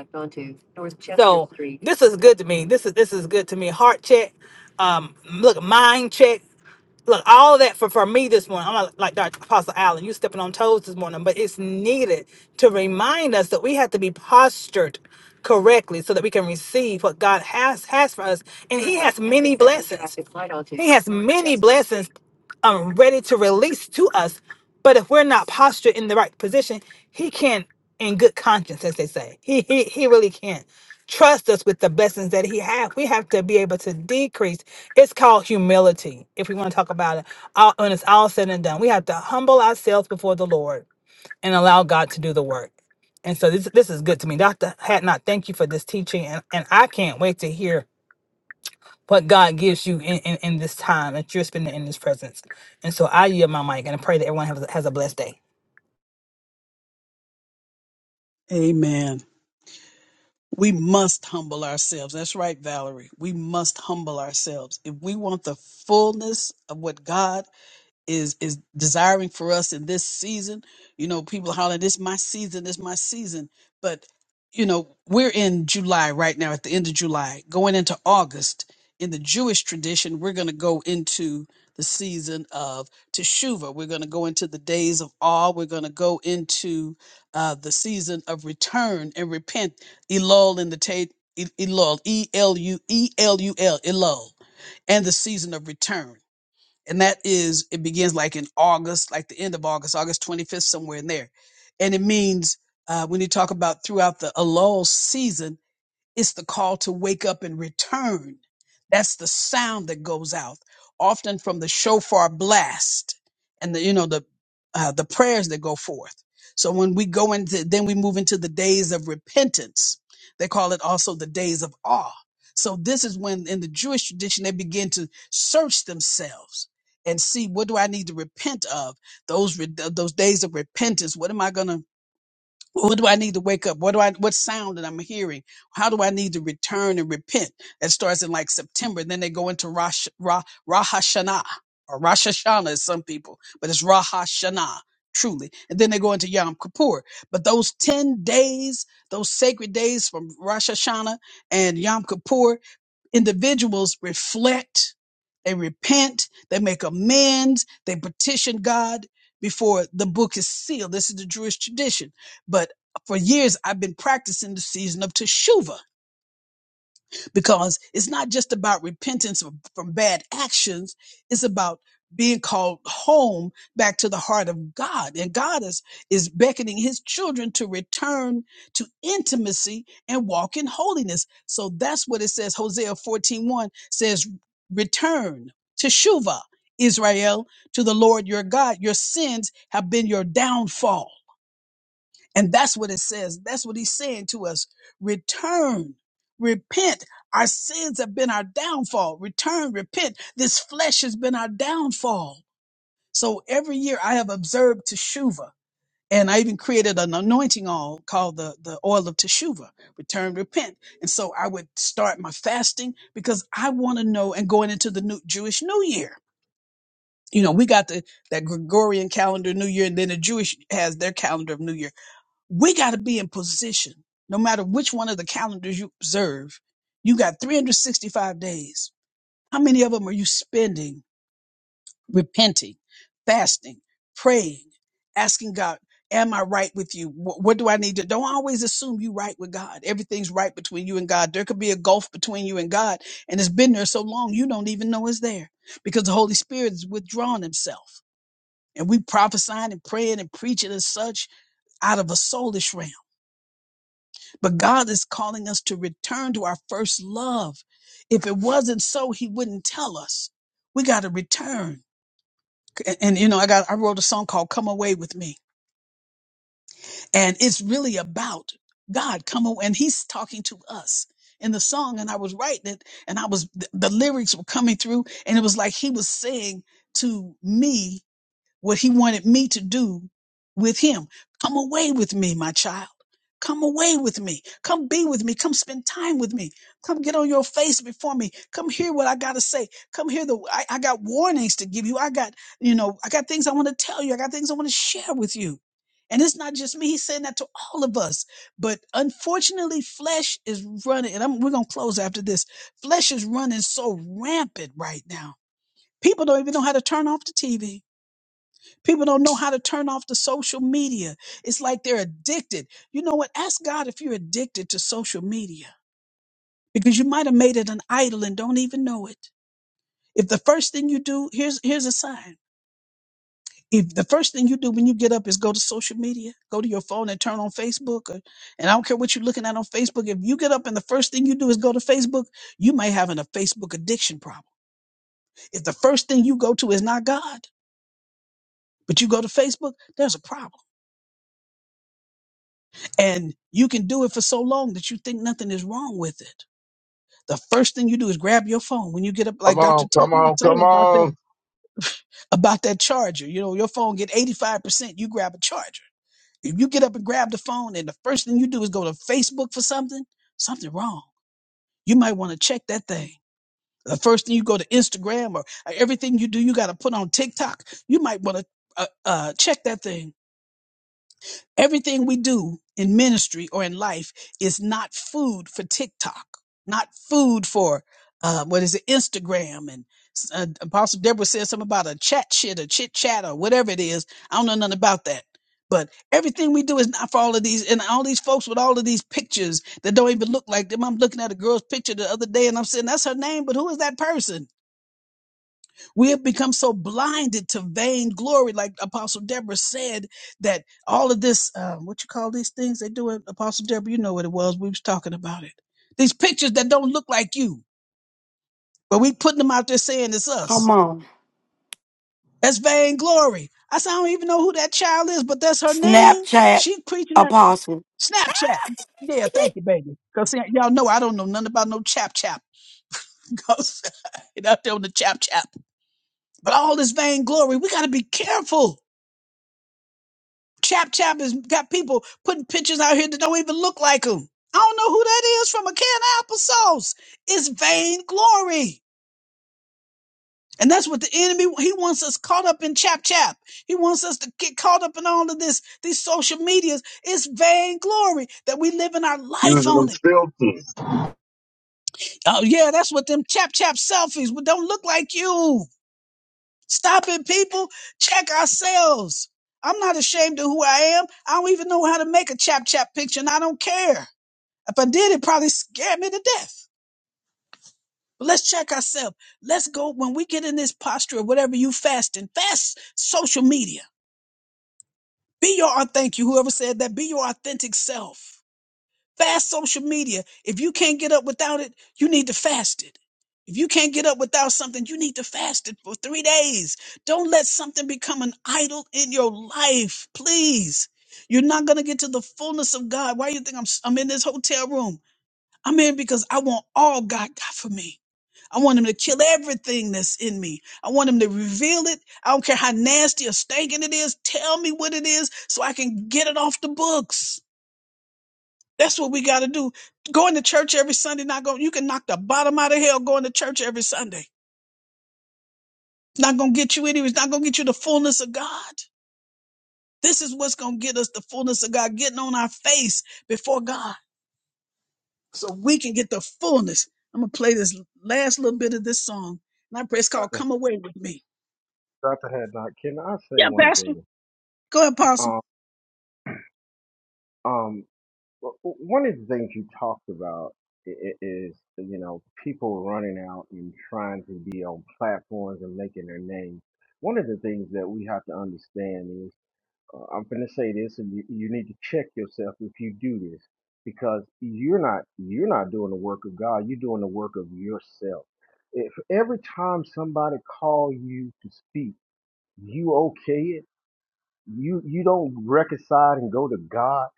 so this is good to me. This is this is good to me. Heart check. Um, look, mind check look, all that for, for me this morning. I'm not like Dr. Apostle Allen, you stepping on toes this morning, but it's needed to remind us that we have to be postured correctly so that we can receive what God has has for us. And He has many blessings. He has many blessings um, ready to release to us. But if we're not postured in the right position, he can't, in good conscience, as they say, he, he, he really can't trust us with the blessings that he has. We have to be able to decrease. It's called humility, if we want to talk about it. All, when it's all said and done, we have to humble ourselves before the Lord and allow God to do the work. And so this this is good to me. Dr. Hatnot, thank you for this teaching. And, and I can't wait to hear what God gives you in, in, in this time that you're spending in His presence. And so I yield my mic and I pray that everyone has, has a blessed day.
Amen. We must humble ourselves. That's right, Valerie. We must humble ourselves. If we want the fullness of what God is is desiring for us in this season. You know, people holler, "This my season, this my season." But you know, we're in July right now, at the end of July, going into August. In the Jewish tradition, we're going to go into the season of Teshuvah. We're going to go into the days of awe. We're going to go into uh, the season of return and repent. Elul in the Tate, Elul, E L U E L U L, Elul, Elul, and the season of return and that is it begins like in August, like the end of August, August 25th, somewhere in there. And it means uh, when you talk about throughout the Elul season, it's the call to wake up and return. That's the sound that goes out, often from the shofar blast and the you know the uh, the prayers that go forth. So when we go into, then we move into the days of repentance. They call it also the days of awe. So this is when, in the Jewish tradition, they begin to search themselves and see what do I need to repent of those re- those days of repentance. What am I gonna what do I need to wake up? What do I what sound that I'm hearing? How do I need to return and repent? That starts in like September. Then they go into Rosh Ra, Rosh Hashanah or Rosh Hashanah as some people, but it's Rosh Hashanah truly. And then they go into Yom Kippur. But those 10 days, those sacred days from Rosh Hashanah and Yom Kippur, individuals reflect, they repent, they make amends, they petition God before the book is sealed. This is the Jewish tradition. But for years, I've been practicing the season of Teshuvah because it's not just about repentance from from bad actions. It's about being called home back to the heart of God. And God is, is beckoning his children to return to intimacy and walk in holiness. So that's what it says. Hosea fourteen one says, return to Shuvah, Israel, to the Lord your God. Your sins have been your downfall and that's what it says. That's what he's saying to us. Return, repent. Our sins have been our downfall. Return, repent. This flesh has been our downfall. So every year I have observed Teshuvah. And I even created an anointing oil called the, the oil of Teshuvah, return, repent. And so I would start my fasting because I want to know and going into the new Jewish New Year. You know, we got the that Gregorian calendar New Year, and then the Jewish has their calendar of New Year we got to be in position no matter which one of the calendars you observe you got 365 days how many of them are you spending repenting fasting praying asking god am i right with you what, what do i need to don't always assume you right with god everything's right between you and god there could be a gulf between you and god and it's been there so long you don't even know it's there because the holy spirit has withdrawn himself and we prophesying and praying and preaching and such out of a soulish realm But God is calling us to return to our first love. If it wasn't so, He wouldn't tell us. We got to return. And, and, you know, I got I wrote a song called "Come Away with Me," and it's really about God come away, and He's talking to us in the song. And I was writing it, and I was the, the lyrics were coming through, and it was like He was saying to me what he wanted me to do with him. Come away with me, my child. Come away with me. Come be with me. Come spend time with me. Come get on your face before me. Come hear what I got to say. Come hear the, I, I got warnings to give you. I got, you know, I got things I want to tell you. I got things I want to share with you. And it's not just me. He's saying that to all of us. But unfortunately, flesh is running. And I'm, we're going to close after this. Flesh is running so rampant right now. People don't even know how to turn off the TV. People don't know how to turn off the social media. It's like they're addicted. You know what? Ask God if you're addicted to social media because you might have made it an idol and don't even know it. If the first thing you do, here's here's a sign. If the first thing you do when you get up is go to social media, go to your phone and turn on Facebook, or, and I don't care what you're looking at on Facebook. If you get up and the first thing you do is go to Facebook, you might have an, a Facebook addiction problem. If the first thing you go to is not God, but you go to Facebook, there's a problem And you can do it for so long that you think nothing is wrong with it. The first thing you do is grab your phone when you get up,
Come
like
on.
Dr. T
Come
P was
on.
saying
Come
about that
on.
about that charger. You know, your phone get 85%, you grab a charger. If you get up and grab the phone and the first thing you do is go to Facebook for something, something wrong. You might want to check that thing. The first thing you go to Instagram or uh, everything you do, you got to put on TikTok. You might want to uh, uh, check that thing Everything we do in ministry or in life is not food for TikTok, not food for uh, what is it, Instagram. And uh, Apostle Deborah said something about a chat shit, a chit chat, or whatever it is. I don't know nothing about that. But everything we do is not for all of these, and all these folks with all of these pictures that don't even look like them. I'm looking at a girl's picture the other day, and I'm saying that's her name, but who is that person? We have become so blinded to vainglory, like Apostle Deborah said, that all of this, uh, what you call these things they do, it, Apostle Deborah, you know what it was. We was talking about it. These pictures that don't look like you, but we putting them out there saying it's
Come
us.
on,
That's vainglory. I said, I don't even know who that child is, but that's her name.
Snapchat
She preaching that
apostle.
Snapchat. Yeah, thank you, baby. Because y'all know I don't know nothing about no chap chap. Because out there on the chap chap. But all this vainglory, we got to be careful Chap Chap has got people putting pictures out here that don't even look like him. I don't know who that is from a can of applesauce. It's vainglory. And that's what the enemy, he wants us caught up in Chap Chap. He wants us to get caught up in all of this, these social medias. It's vainglory that we living our
Using
life on
them
it.
filters.
Oh yeah, that's what them Chap Chap selfies would don't look like you. Stop it, people. Check ourselves. I'm not ashamed of who I am. I don't even know how to make a Chap Chap picture and I don't care. If I did, it probably scared me to death. But let's check ourselves. Let's go when we get in this posture of whatever you fasting, fast social media. Be your authentic, you whoever said that, be your authentic self. Fast social media. If you can't get up without it, you need to fast it. If you can't get up without something, you need to fast it for three days. Don't let something become an idol in your life, please. You're not going to get to the fullness of God. Why do you think I'm, I'm in this hotel room? I'm in because I want all God got for me. I want him to kill everything that's in me. I want him to reveal it. I don't care how nasty or stinking it is. Tell me what it is so I can get it off the books. That's what we got to do. Going to church every Sunday, not going, you can knock the bottom out of hell going to church every Sunday. It's not going to get you anywhere. It's not going to get you the fullness of God. This is what's going to get us the fullness of God, getting on our face before God. so we can get the fullness. I'm gonna play this last little bit of this song, and I pray it's called "Come Away with Me."
Dr. Haddock, can I say
Yeah,
one
Pastor,
thing?
go ahead, Pastor.
Um, um, Well, one of the things you talked about i- i- is, you know, people running out and trying to be on platforms and making their name. One of the things that we have to understand is, uh, I'm going to say this, and you, you need to check yourself if you do this, because you're not you're not doing the work of God. You're doing the work of yourself. If every time somebody call you to speak, you okay it you you don't reconcile and go to God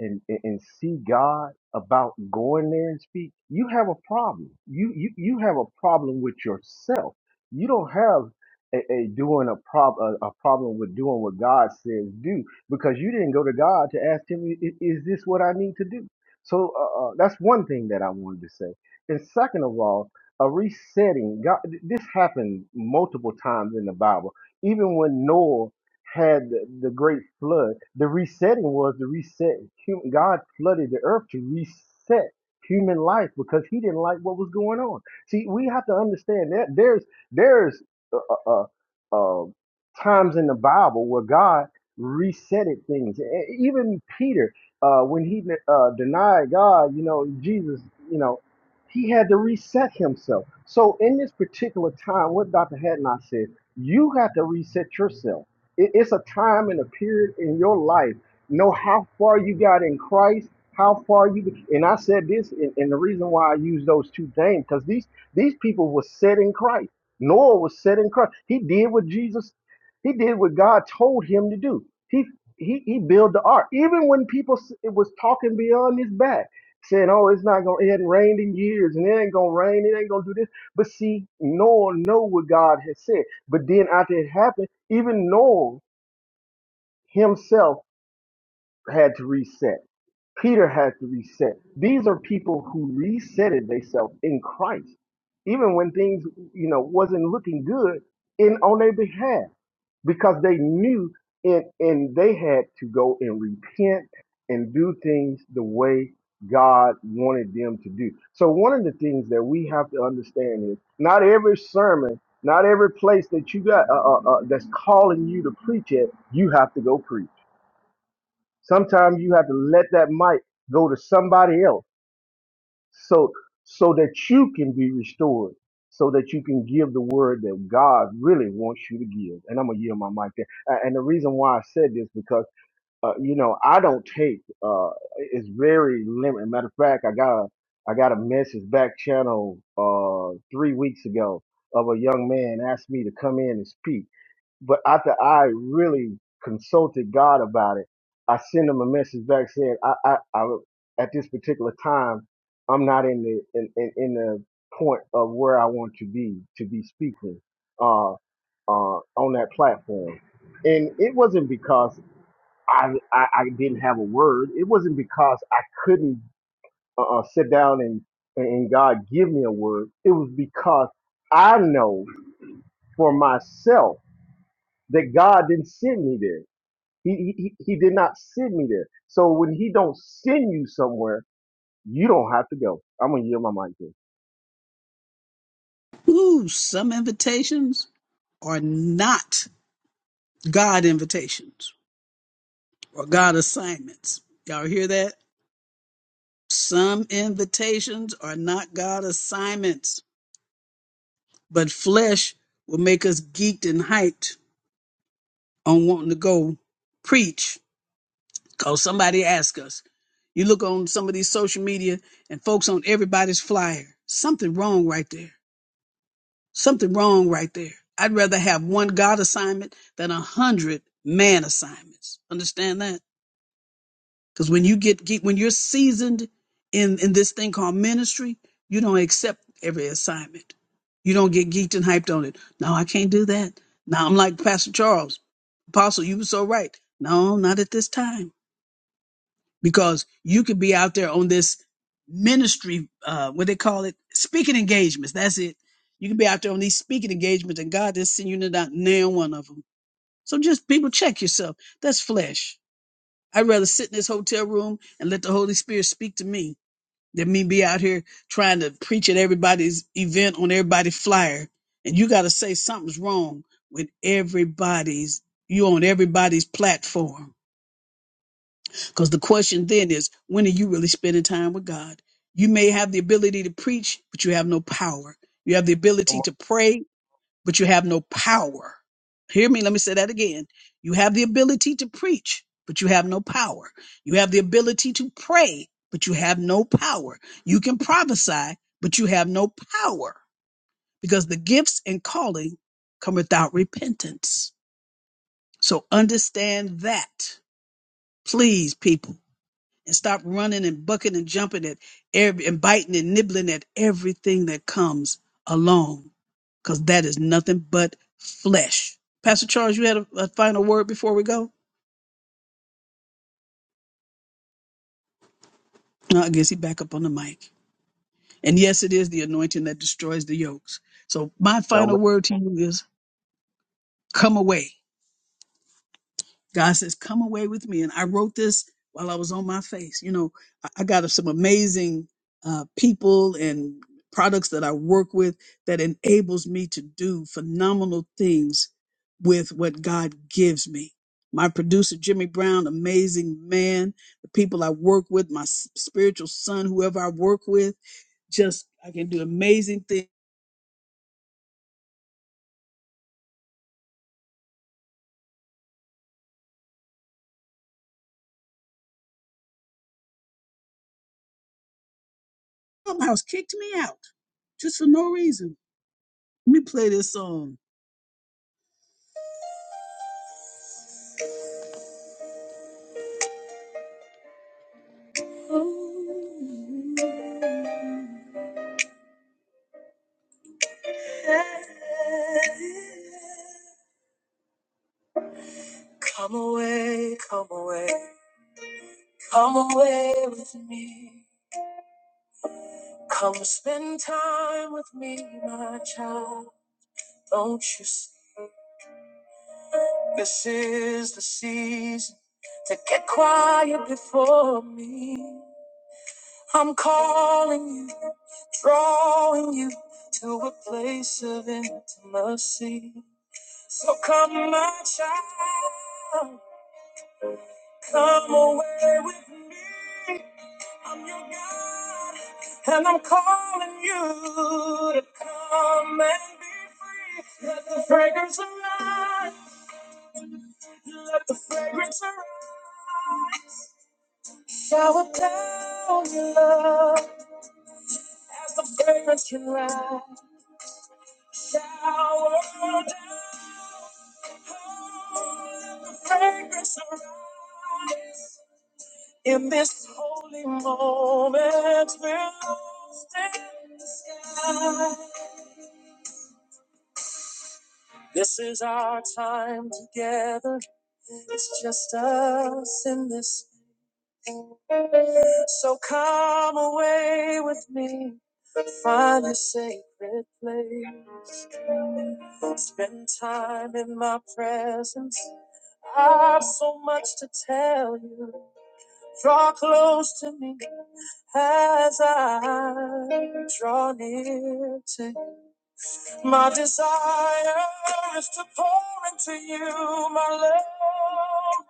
and, and and see God about going there and speak, you have a problem. You you you have a problem with yourself. You don't have a, a doing a prob a, a problem with doing what God says do because you didn't go to God to ask Him, "I- i- is this what I need to do? So uh, uh, that's one thing that I wanted to say. And second of all, a resetting. God, this happened multiple times in the Bible. Even when Noah had the great flood. The resetting was the reset. Hu- God flooded the earth to reset human life because He didn't like what was going on. See, we have to understand that there's there's uh, uh, uh, um, times in the Bible where God resetted things. E- Even Peter, uh, when he uh, denied God, you know, Jesus, you know, he had to reset himself. So in this particular time, what Dr. Hadnot said, you have to reset yourself it- it's a time and a period in your life. Know how far you got in Christ, how far you. And I said this, and, and the reason why I use those two names, because these these people were set in Christ. Noah was set in Christ. He did what Jesus, he did what God told him to do. He he he built the ark. Even when people s- it was talking beyond his back, saying, "Oh, it's not gonna, it hadn't rained in years, and it ain't gonna rain, it ain't gonna do this." But see, Noah know what God has said. But then after it happened, even Noah himself had to reset. Peter had to reset. These are people who resetted themselves in Christ, even when things, you know, wasn't looking good in on their behalf, because they knew and and they had to go and repent and do things the way God wanted them to do. So one of the things that we have to understand is not every sermon, not every place that you got uh, uh, uh, that's calling you to preach it, you have to go preach Sometimes you have to let that mic go to somebody else so so that you can be restored, so that you can give the word that God really wants you to give. And I'm gonna yield my mic there. A- And the reason why I said this because uh, you know I don't take uh, it's very limited. Matter of fact, I got a I got a message back channel uh, three weeks ago of a young man asked me to come in and speak but after I really consulted God about it, I sent him a message back saying, I, I, I at this particular time, I'm not in the, in, in, in the point of where I want to be, to be speaking, uh, uh, on that platform. And it wasn't because I, I, I didn't have a word. It wasn't because I couldn't uh, uh, sit down and, and God give me a word. It was because I know for myself that God didn't send me there he, he, he did not send me there. So when he don't send you somewhere, you don't have to go. I'm gonna yield my mic here.
Ooh, some invitations are not God invitations or God assignments. Y'all hear that? Some invitations are not God assignments, but flesh will make us geeked and hyped on wanting to go preach Cause somebody asked us. You look on some of these social media and folks on everybody's flyer. Something wrong right there. Something wrong right there. I'd rather have one God assignment than a hundred man assignments. Understand that? Because when you get, get when you're seasoned in in this thing called ministry, you don't accept every assignment. You don't get geeked and hyped on it. No, I can't do that. Now I'm like Pastor Charles, Apostle. You were so right. No, not at this time. because you could be out there on this ministry uh what they call it speaking engagements that's it you can be out there on these speaking engagements and god is sending you to nail one of them so just people check yourself that's flesh i'd rather sit in this hotel room and let the holy spirit speak to me than me be out here trying to preach at everybody's event on everybody's flyer and you got to say something's wrong with everybody's you on everybody's platform because the question then is, when are you really spending time with God? You may have the ability to preach, but you have no power. You have the
Come
ability
on.
to pray, but you have no power. Hear me, let me say that again. You have the ability to preach, but you have no power. You have the ability to pray, but you have no power. You can prophesy, but you have no power because the gifts and calling come without repentance. So understand that, please, people and stop running and bucking and jumping at every and biting and nibbling at everything that comes along because that is nothing but flesh pastor charles you had a, a final word before we go no i guess he back up on the mic and yes it is the anointing that destroys the yokes so my
No
final word to you is come away God says, Come away with me. And I wrote this while I was on my face. You know, I, I got some amazing uh, people and products that I work with that enables me to do phenomenal things with what God gives me. My producer, Jimmy Brown, amazing man. The people I work with, my s- spiritual son, whoever I work with, just I can do amazing things. Clubhouse kicked me out just for no reason. Let me play this song. Come away, come away, come away with me. Come spend time with me, my child. Don't you see? This is the season to get quiet before me. I'm calling you, drawing you to a place of intimacy. So come, my child, come away with me. I'm your God, and I'm calling you to come and be free. Let the fragrance arise. Let the fragrance arise. Shower down your love as the fragrance can rise. Sour down, let the fragrance arise. In this holy moment, we're lost in the sky. This is our time together. It's just us in this. So come away with me. Find a sacred place. Spend time in my presence. I've so much to tell you. Draw close to me as I draw near to you. My desire is to pour into you, my love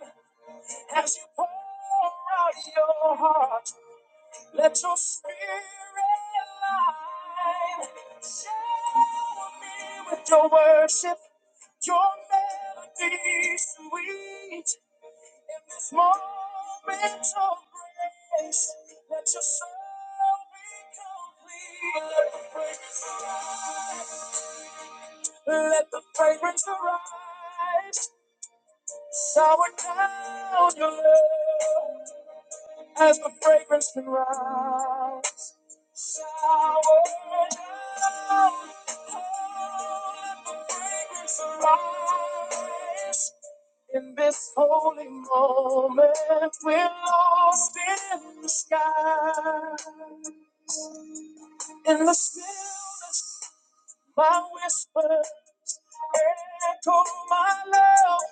divine, as you pour out your heart. Let your spirit light shower me with your worship, your melody sweet. In this moment of grace, let your soul be complete. Let the fragrance arise, let the fragrance arise, sour down your love as the fragrance can rise. Shower down, let the fragrance arise. In this holy moment, we're lost in the sky. In the stillness, my whisper, echo my love.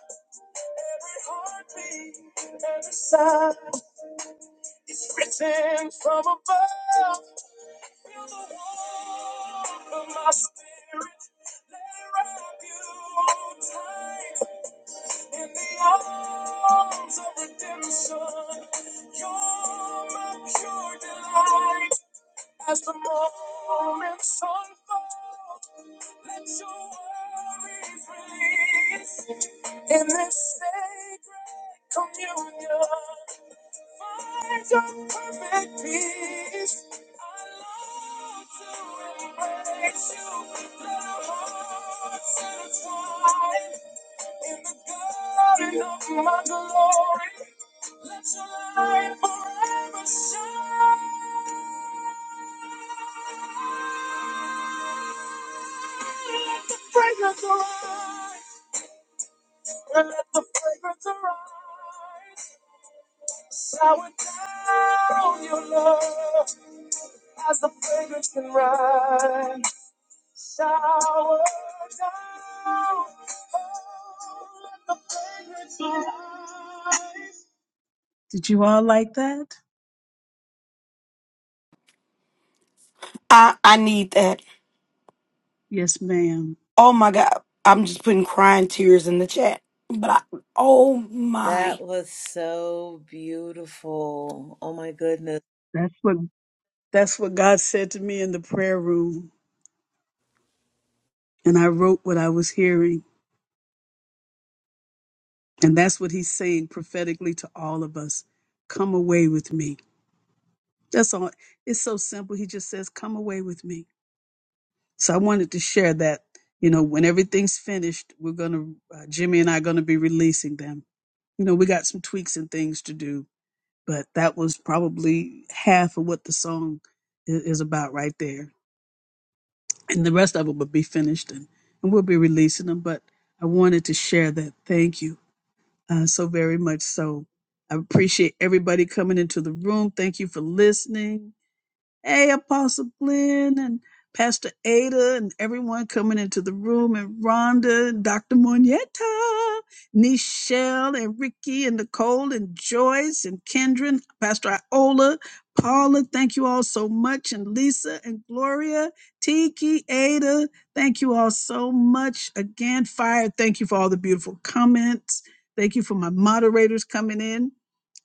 Every heartbeat, every sigh is written from above. Feel the warmth of my spirit. Let it wrap you tight in the arms of redemption. You're my pure delight. As the moments unfold, let your worries release in this sacred communion. Find your perfect peace. I long to embrace you. Let our hearts intertwine in the garden of my glory. Let your light forever shine. Let the fragrance arise. Let the fragrance arise. Shower down your love as the fragrance can rise. Shower down, oh, let the fragrance arise. Did you all like that?
I I need that.
Yes, ma'am.
Oh my God, I'm just putting crying tears in the chat. But I, oh my.
That was so beautiful. Oh my goodness.
That's what that's what God said to me in the prayer room, and I wrote what I was hearing, and that's what He's saying prophetically to all of us. Come away with me. That's all. It's so simple. He just says, "Come away with me." So I wanted to share that, you know, when everything's finished, we're going to, uh, Jimmy and I are going to be releasing them. You know, we got some tweaks and things to do, but that was probably half of what the song is, is about right there. And the rest of it will be finished and, and we'll be releasing them. But I wanted to share that. Thank you uh, so very much. So I appreciate everybody coming into the room. Thank you for listening. Hey, Apostle Glenn and Pastor Ada and everyone coming into the room and Rhonda and Dr. Moneta, Nichelle and Ricky and Nicole and Joyce and Kendra and Pastor Iola, Paula, thank you all so much. And Lisa and Gloria, Tiki, Ada, thank you all so much. Again, Fire, thank you for all the beautiful comments. Thank you for my moderators coming in.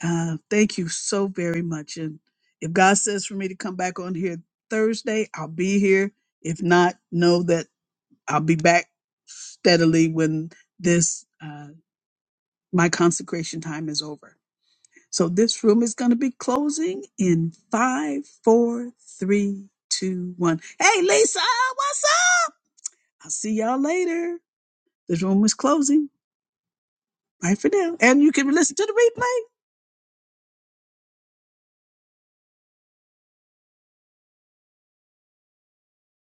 Uh, thank you so very much. and. If God says for me to come back on here Thursday, I'll be here. If not, know that I'll be back steadily when this uh, my consecration time is over. So this room is going to be closing in five, four, three, two, one. Hey, Lisa, what's up? I'll see y'all later. This room is closing. Bye for now, and you can listen to the replay.